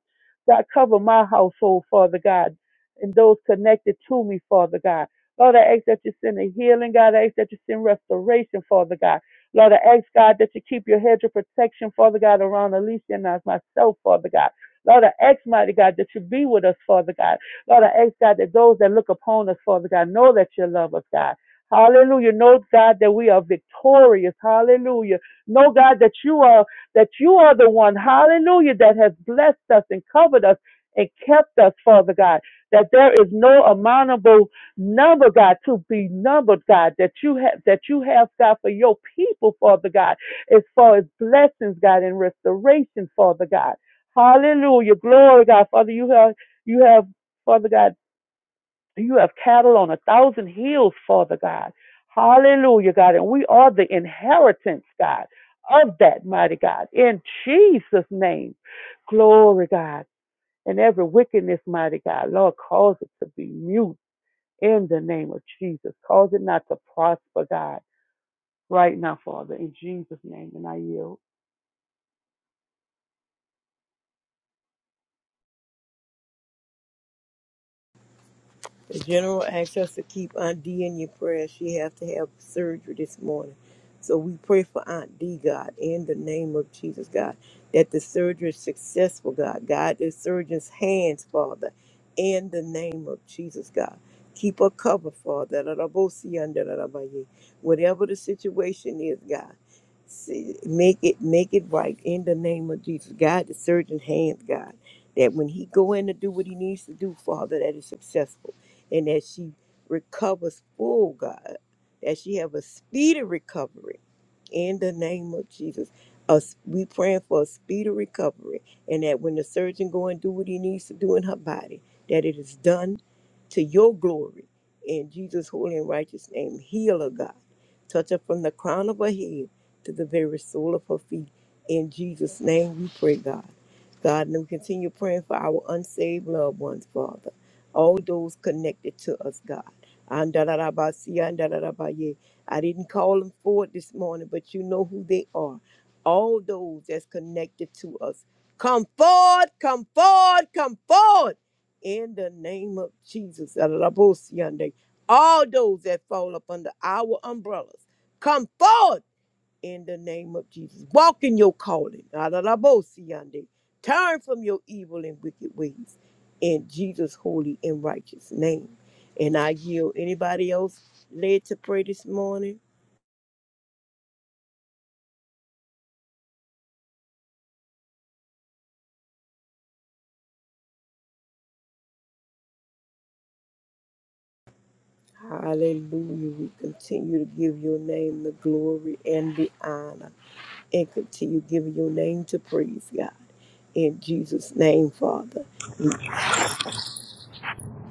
God, cover my household, Father God, and those connected to me, Father God. Lord, I ask that you send a healing, God. I ask that you send restoration, Father God. Lord, I ask, God, that you keep your hedge of protection, Father God, around Alicia and us, myself, Father God. Lord, I ask, mighty God, that you be with us, Father God. Lord, I ask, God, that those that look upon us, Father God, know that you love us, God. Hallelujah. Know, God, that we are victorious. Hallelujah. Know, God, that you are that you are the one, hallelujah, that has blessed us and covered us and kept us, Father God. That there is no amountable number God to be numbered, God, that you have that you have God for your people, Father God, as far as blessings, God, and restoration, Father God. Hallelujah. Glory God. Father, you have you have, Father God, you have cattle on a thousand hills, Father God. Hallelujah, God. And we are the inheritance, God, of that mighty God. In Jesus' name. Glory, God. And every wickedness, mighty God, Lord, cause it to be mute in the name of Jesus. Cause it not to prosper, God, right now, Father, in Jesus' name. And I yield.
The general asked us to keep Aunt D in your prayers. She have to have surgery this morning. So we pray for Aunt D, God, in the name of Jesus, God, that the surgery is successful, God. God, the surgeon's hands, Father, in the name of Jesus, God. Keep her covered, Father. Da- da- bo- see, un- da- da- da- ba- ye. Whatever the situation is, God, see, make it make it right in the name of Jesus. God, the surgeon's hands, God, that when he go in to do what he needs to do, Father, that is successful and that she recovers full, God, that she have a speedy recovery in the name of Jesus. Us, we praying for a speedy recovery, and that when the surgeon go and do what he needs to do in her body, that it is done to your glory in Jesus' holy and righteous name. Heal her, God. Touch her from the crown of her head to the very sole of her feet. In Jesus' name, we pray, God. God, and we continue praying for our unsaved loved ones, Father. All those connected to us, God. Andalarabasia, andalarabaye. I didn't call them forward this morning, but you know who they are. All those that's connected to us. Come forward, come forward, come forward. In the name of Jesus. Alabosiande. All those that fall up under our umbrellas, come forward in the name of Jesus. Walk in your calling. Alabosiande. Turn from your evil and wicked ways in Jesus' holy and righteous name. And I yield anybody else led to pray this morning. Hallelujah. We continue to give your name the glory and the honor and continue giving your name to praise, God. In Jesus' name, Father.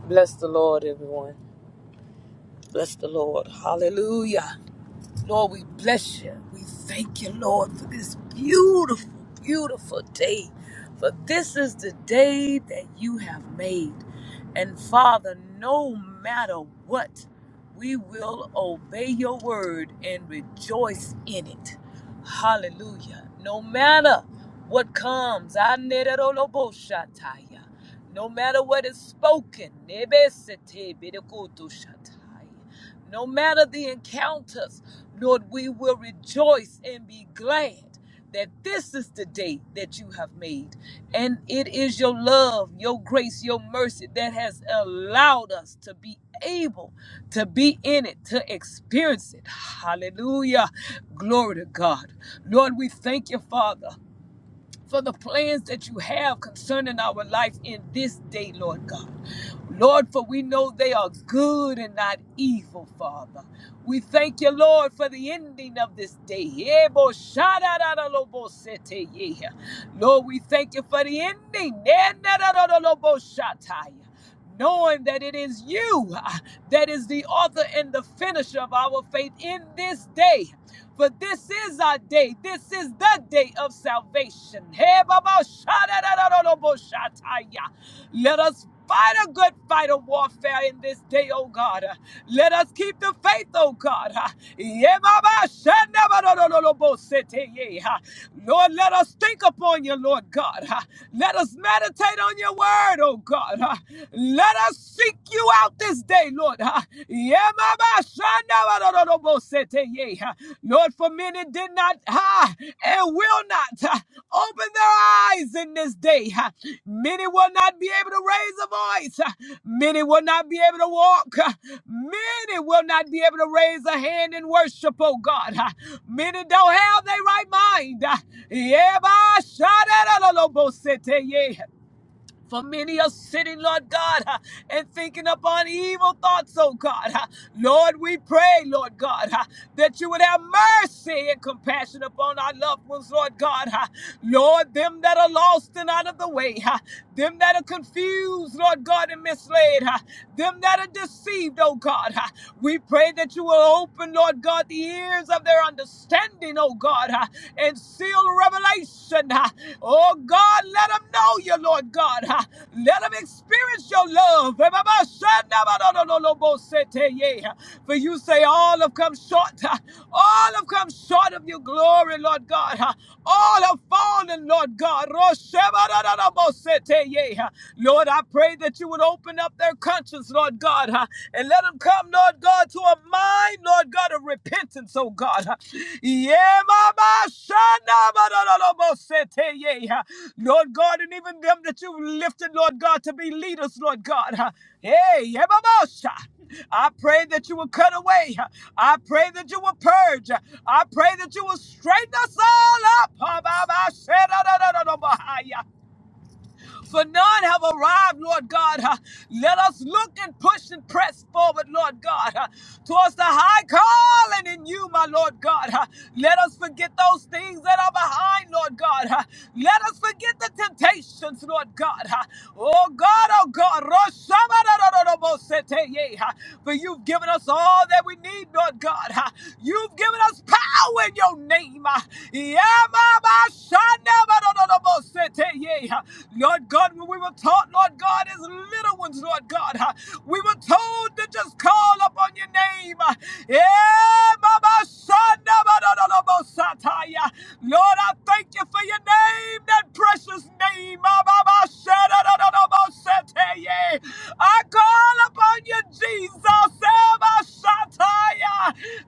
Bless the Lord, everyone. Bless the Lord. Hallelujah. Lord, we bless you. We thank you, Lord, for this beautiful, beautiful day. For this is the day that you have made. And Father, no matter what, we will obey your word and rejoice in it. Hallelujah. No matter what comes, I need it all about Shataya. no matter what is spoken, Nebesete Bedekotoshataya no matter the encounters, Lord, we will rejoice and be glad that this is the day that you have made. And it is your love, your grace, your mercy that has allowed us to be able to be in it, to experience it. Hallelujah. Glory to God. Lord, we thank you, Father for the plans that you have concerning our life in this day, Lord God. Lord, for we know they are good and not evil, Father. We thank you, Lord, for the ending of this day. Ebo shadadadalobo sete yeha. Lord, we thank you for the ending. Nenadadadalobo shataya knowing that it is you ah, that is the author and the finisher of our faith in this day. For this is our day. This is the day of salvation. Hey, Let us fight a good fight of warfare in this day, oh God. Ah, Let us keep the faith, oh God. Ah, yeah, Ah, Lord, let us think upon you, Lord God. Ah, Let us meditate on your word word, oh God. huh? Let us seek you out this day, Lord. huh? Yemabashandabarorobosete, huh? Lord, for many did not huh, and will not huh, open their eyes in this day. huh? Many will not be able to raise a voice. huh? Many will not be able to walk. huh? Many will not be able to raise a hand in worship, oh God. huh? Many don't have their right mind. Uh, Yeah, ba huh? Yebashandabarorobosete, yeah. For many are sitting, Lord God, uh, and thinking upon evil thoughts, oh God. uh. Lord, we pray, Lord God, uh, that you would have mercy and compassion upon our loved ones, Lord God. uh. Lord, them that are lost and out of the way, uh, them that are confused, Lord God, and misled, uh, them that are deceived, oh God. uh. We pray that you will open, Lord God, the ears of their understanding, oh God. God, uh, and seal revelation. uh, Oh God, let them know you, Lord God. uh, Let them experience your love. For you say, All have come short. uh, All have come short of your glory, Lord God. uh, All have fallen, Lord God. Lord, I pray that you would open up their conscience, Lord God, uh, and let them come, Lord God, to a mind, Lord God, of repentance, oh God. Yeah, Mama, Shana, ba, da, da, da, bo, se, te, ye. Lord God, and even them that you lifted, Lord God, to be leaders, Lord God. Hey, yeah, Mama, Sha. I pray that you will cut away. I pray that you will purge. I pray that you will straighten us all up. Ba, ba, ba, se, da, da, da, da, da, ba, hi for none have arrived, Lord God. Uh, Let us look and push and press forward, Lord God, uh, towards the high calling in you, my Lord God. Uh, Let us forget those things that are behind, Lord God. Uh, Let us forget the temptations, Lord God. Uh, Oh God, oh God, Roshamarorobosete, yeah. uh, for you've given us all that we need, need, Lord God. Ah, You've given us power in your name. Ah, yeah, Mama, son, never, no, no, no, no, say, yeah. Ah, Lord God, when we were taught, Lord God, as little ones, Lord God, ah, we were told to just call upon your name. Ah, yeah, Mama, son, never, no, no, no, no, Sataya. Lord, I thank you for your name that precious name. Ah, bah, bah, yeah. I call upon you, Jesus. Ah, bah,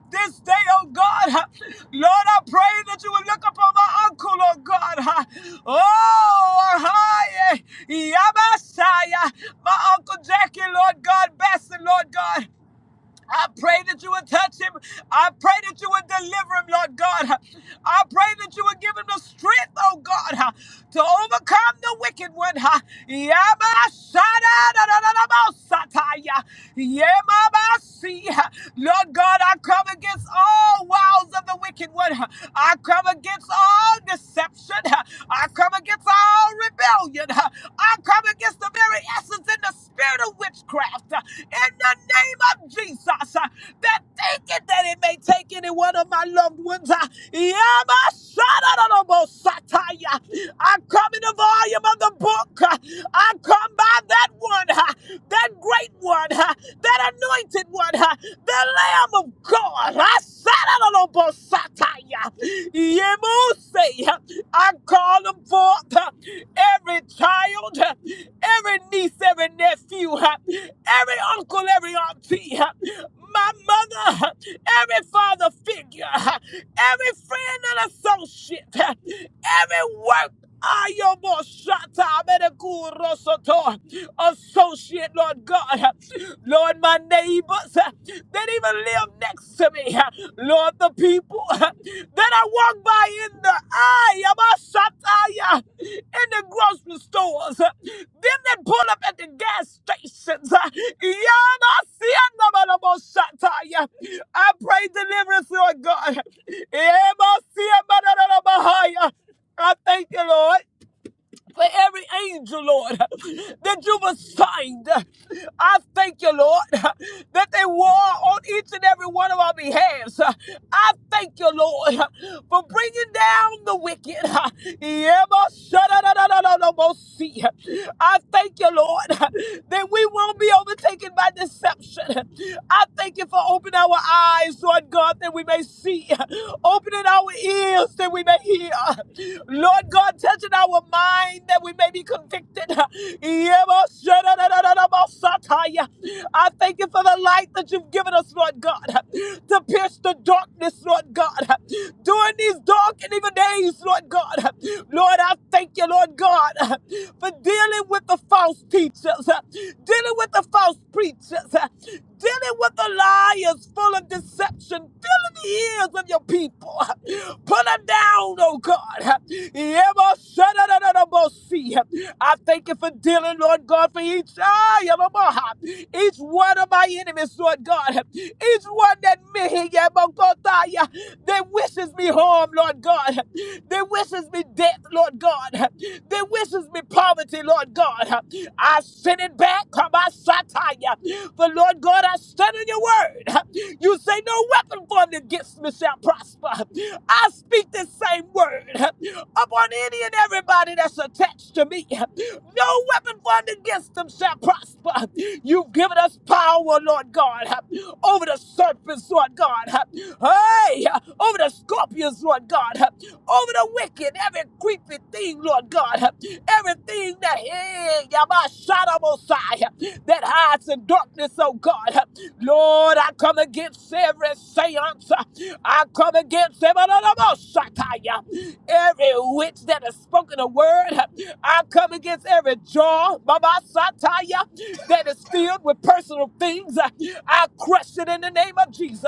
This day, oh God, Lord, I pray that you would look upon my uncle, oh God. Oh, hi, Yabasaya, my uncle Jackie, Lord God, Besson, Lord God. I pray that you would touch him. I pray that you would deliver him, Lord God. I pray that you would give him the strength, oh God, to overcome the wicked one. Yabashadadadadabasataya. Yemabasi. Lord God, I come against all wiles of the wicked one. I come against all deception. I come against all rebellion. I come against the very essence and the spirit of witchcraft uh, in the name of Jesus uh, that thinking that it may take any one of my loved ones. uh, Yamashadarabosataya. I come in the volume of the book. uh, I come by that one, uh, that great one, uh, that anointed one, uh, the Lamb of God. I Yemuse. I call them forth, uh, every child, uh, every niece, every nephew, uh, every uncle, every auntie, uh, my mother, uh, every father figure, uh, every friend and associate, uh, every work. Ayomo Shata Amedekuro Soto, Associate, Lord God. uh, Lord, my neighbors uh, that even live next to me, uh, Lord, the people uh, that I walk by in the eye, Yamashataya, in the grocery stores, uh, them that pull up at the gas stations, uh, Yamasianabalaboshataya. I pray deliverance, Lord God. Yamasianabalabahaya. I thank you, Lord for every angel, Lord, that you've assigned. I thank you, Lord, that they war on each and every one of our behalves. I thank you, Lord, for bringing down the wicked. Yabba-shadda-da-da-da-da-da-bo-see. I thank you, Lord, that we won't be overtaken by deception. I thank you for opening our eyes, Lord God, that we may see, opening our ears that we may hear. Lord God, touch touching our mind that we may be convicted. Yeboshananananabosataya. I thank you for the light that you've given us, Lord God, to pierce the darkness, Lord God, during these dark and evil days, Lord God. Lord, I thank you, Lord God, for dealing with the false teachers, dealing with the false preachers, dealing with the liars full of deception, filling the ears of your people. Put them down, oh God. Yebo-shadadadadabosi. I thank you for dealing, Lord God, for each ah, yebo-boha. each one of my enemies, Lord God, each one that me yebo-kotaya, that wishes me harm, Lord God, They wishes me death, Lord God, They wishes me poverty, Lord God. I send it back, Kabasataya. For Lord God, I stand on your word. You say no weapon formed against me shall prosper. I speak this same word upon any and everybody that's attached to me. No weapon formed against them shall prosper. You've given us power, Lord God, over the serpents, Lord God. Hey, over the scorpions, Lord God, over the wicked, every creepy thing, Lord God, everything that hey, Yamashadomosai, that hides in darkness, oh God. Lord, I come against every seance. I come against every. Every witch that has spoken a word, I come against every jaw, Baba Sataya, that is filled with personal things. I crush it in the name of Jesus.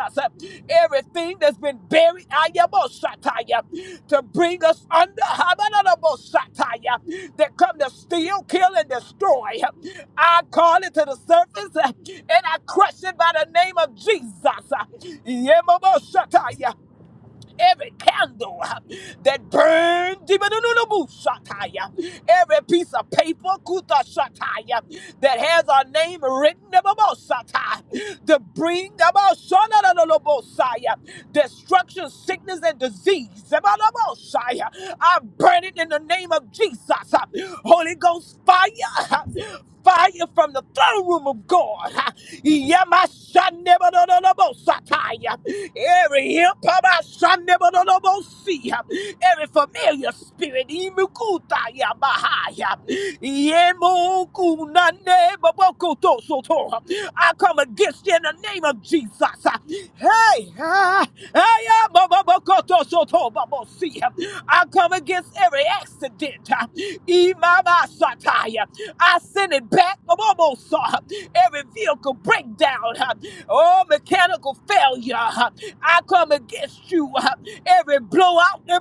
Everything that's been buried, Ayabo Sataya, to bring us under Habanabo Sataya, that come to steal, kill, and destroy. I call it to the surface uh, and I crush it by the name of Jesus. Uh, Yemobo Shatai every candle uh, that burns, every piece of paper kuta shataya, that has our name written about satire, to bring about shonadadadabosaya, destruction, sickness, and disease. Zabadabosaya. I burn it in the name of Jesus. uh, Holy Ghost fire, uh, fire from the throne room of God. Yamashanebadododobosatai. Every hipamashanebadodobosai. every familiar spirit, imukutayabahai. Yemokunanebobokotosoto. I come against you in the name of Jesus. Hey, ah, hey, ah, bobobokotosoto, babosai. I come against against every accident. uh, I send it back. I'm almost uh, every vehicle breakdown. uh, Oh, mechanical failure. uh, I come against you. uh, Every blowout in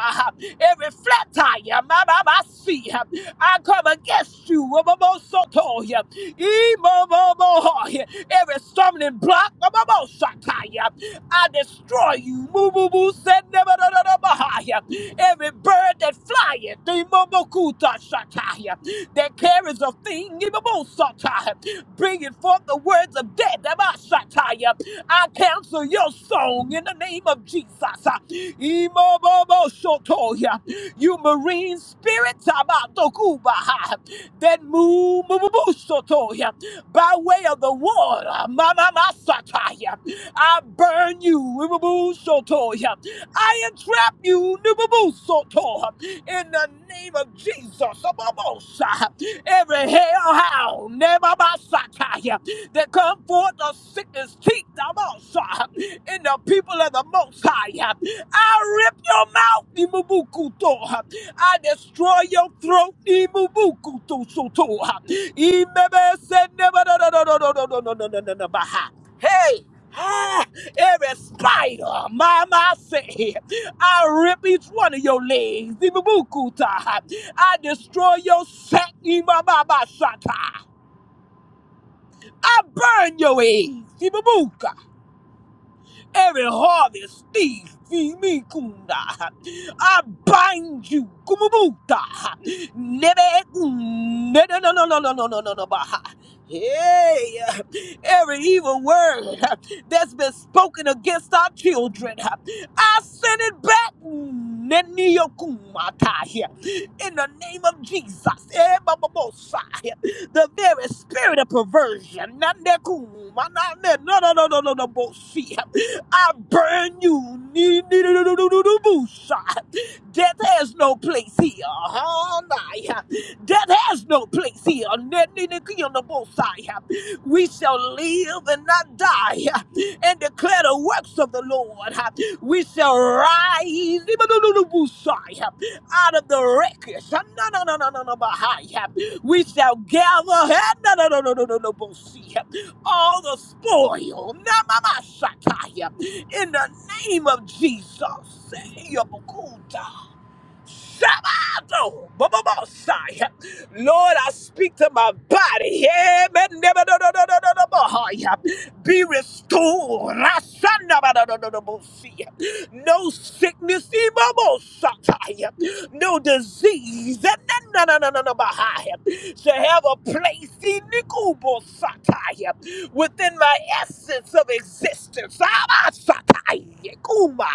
uh, Every flat tire. Mamamasi. uh, I come against you. Amamosotoya. Imamomohoya. Every stumbling block. Mamamosakaya. I destroy you. Moo, moo, moo, send them a- da da a- bahaya. Every bird that flyeth, the momokuta shataya, that carries a thing, imamosataya, bringing forth the words of death, amashataya. I cancel your song in the name of Jesus. Imomomoshotoya. You marine spirits, amatokubaha, that move, by way of the water. Mama Masataya. I burn you. Ibubu Shotoya. I entrap you, imubukuso, in the name of Jesus, imabosha. Every hellhound, never boshaya, that come forth of Satan's teeth, imabosha. In the people of the Most High, I rip your mouth, imubukuso. I destroy your throat, imubukuso, soto. Imebes and imababa. Hey, ah, every spider, mama say, I rip each one of your legs, ibubukuta. I destroy your sack, imamama I burn your eggs, Ibubuka. Every harvest thief, Fimi kunda, I bind you, Kumubuta, Nebe, no, no, no, no, no, no, no, no, no, Baha. Hey, every evil word that's been spoken against our children, I send it back, Neniokumata, here in the name of Jesus. Eh, ba, ba, bo, sa, eh, The very spirit of perversion. na, ne, ku, ma, na, ne, No, no, no, no, no, no, bo, si. I burn you. Nee- nee- nee- nee- nee- nee- nee- boosha. Death has no place here. huh? Nah. Death has no place here. Nee- nee- nee- nee- nee- boosha. We shall live and not die and declare the works of the Lord. We shall rise nee- nee- nee- nee- boosha, out of the wreckage. No, no, no, no, no, no, behind. We shall gather. eh, No, no, no, no, no, no, no, boosha all the spoil. Namamashakaya. In the name of Jesus. Shabbato, Bobobosai. Lord, I speak to my body. Yeah, but never no no no no no no boy. Be restored. Rasana, ba, no, no, no, no, bo, see. No sickness, eh, Bobosatai. no disease. eh, No no no no no boy. Shall have a place eh, Nikubosatai. within my essence of existence. Abasatai, Kuma.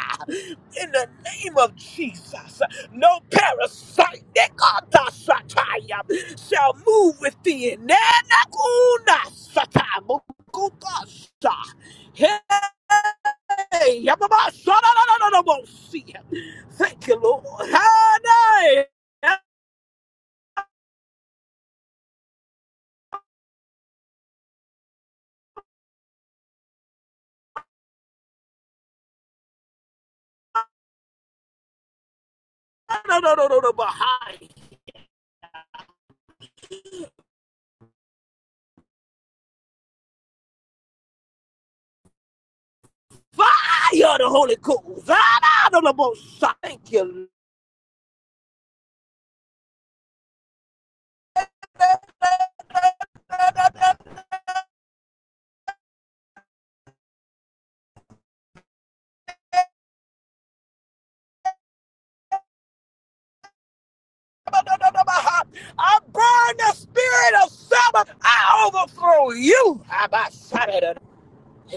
In the name of Jesus. No parasite Nekatasataya, shall move within. Nenakuna Sata Mukukasa. Hey, Yababa, Sada, no, no, no, no, no, see. Thank you, Lord. Hanai. No, no, no, no, no, behind. Fire the Holy Ghost. Zada, no, no, no, sa- Thank you. Lord. No, no, no, no, behind. I burn the spirit of Sabbath. I overthrow you. Abba, Sada, no, no.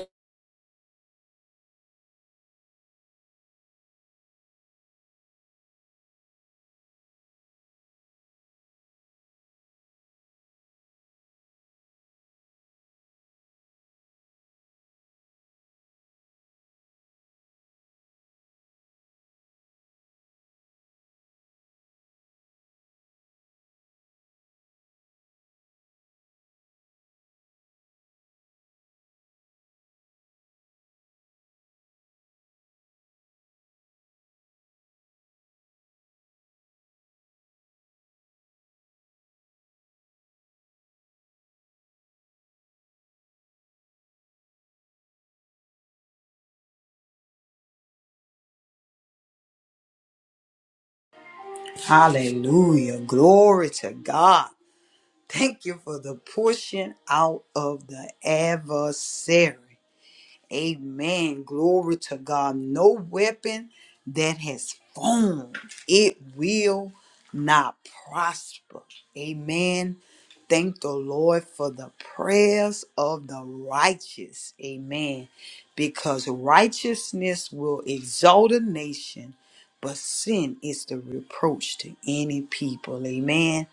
Hallelujah. Glory to God. Thank you for the pushing out of the adversary. Amen. Glory to God. No weapon that has formed, it will not prosper. Amen. Thank the Lord for the prayers of the righteous. Amen. Because righteousness will exalt a nation, but sin is the reproach to any people. Amen.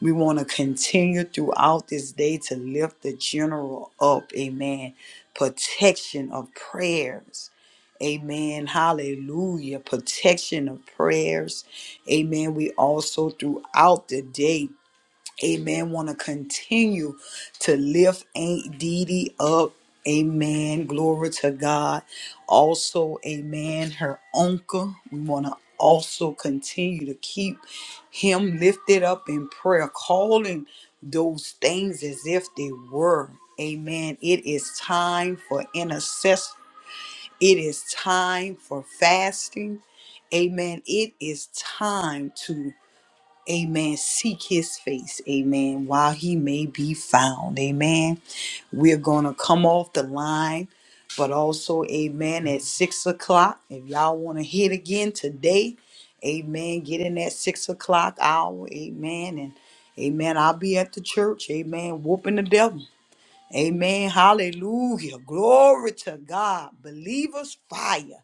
We want to continue throughout this day to lift the general up. Amen protection of prayers. Amen. Hallelujah. Protection of prayers. Amen. We also throughout the day Amen. Want to continue to lift Aunt Dee Dee up. Amen. Glory to God. Also, amen. Her uncle. We want to also continue to keep him lifted up in prayer, calling those things as if they were. Amen. It is time for intercession. It is time for fasting. Amen. It is time to Amen. Seek his face. Amen. While he may be found. Amen. We're going to come off the line, but also, amen, at six o'clock. If y'all want to hit again today, amen, get in that six o'clock hour. Amen. And amen. I'll be at the church. Amen. Whooping the devil. Amen. Hallelujah. Glory to God. Believers fire.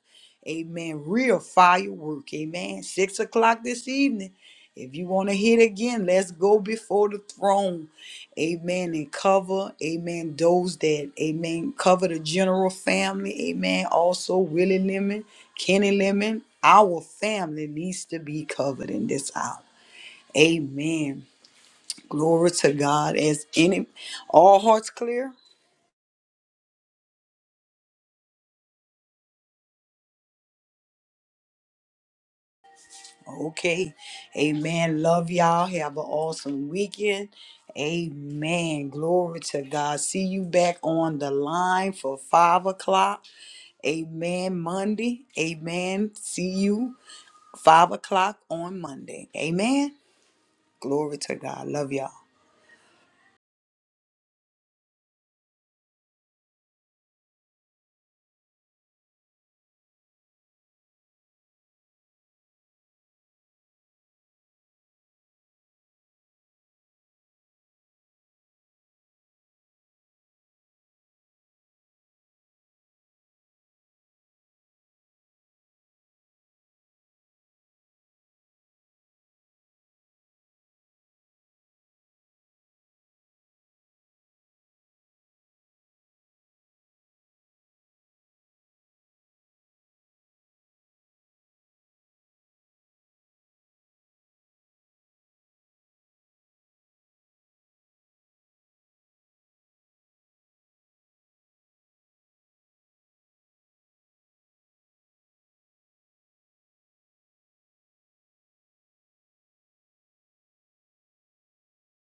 Amen. Real firework. Amen. Six o'clock this evening. If you want to hit again, let's go before the throne. Amen. And cover, amen, those that, amen, cover the general family. Amen. Also, Willie Lemon, Kenny Lemon, our family needs to be covered in this hour. Amen. Glory to God. As any, all hearts clear? Okay. Amen. Love y'all. Have an awesome weekend. Amen. Glory to God. See you back on the line for five o'clock. Amen. Monday. Amen. See you five o'clock on Monday. Amen. Glory to God. Love y'all.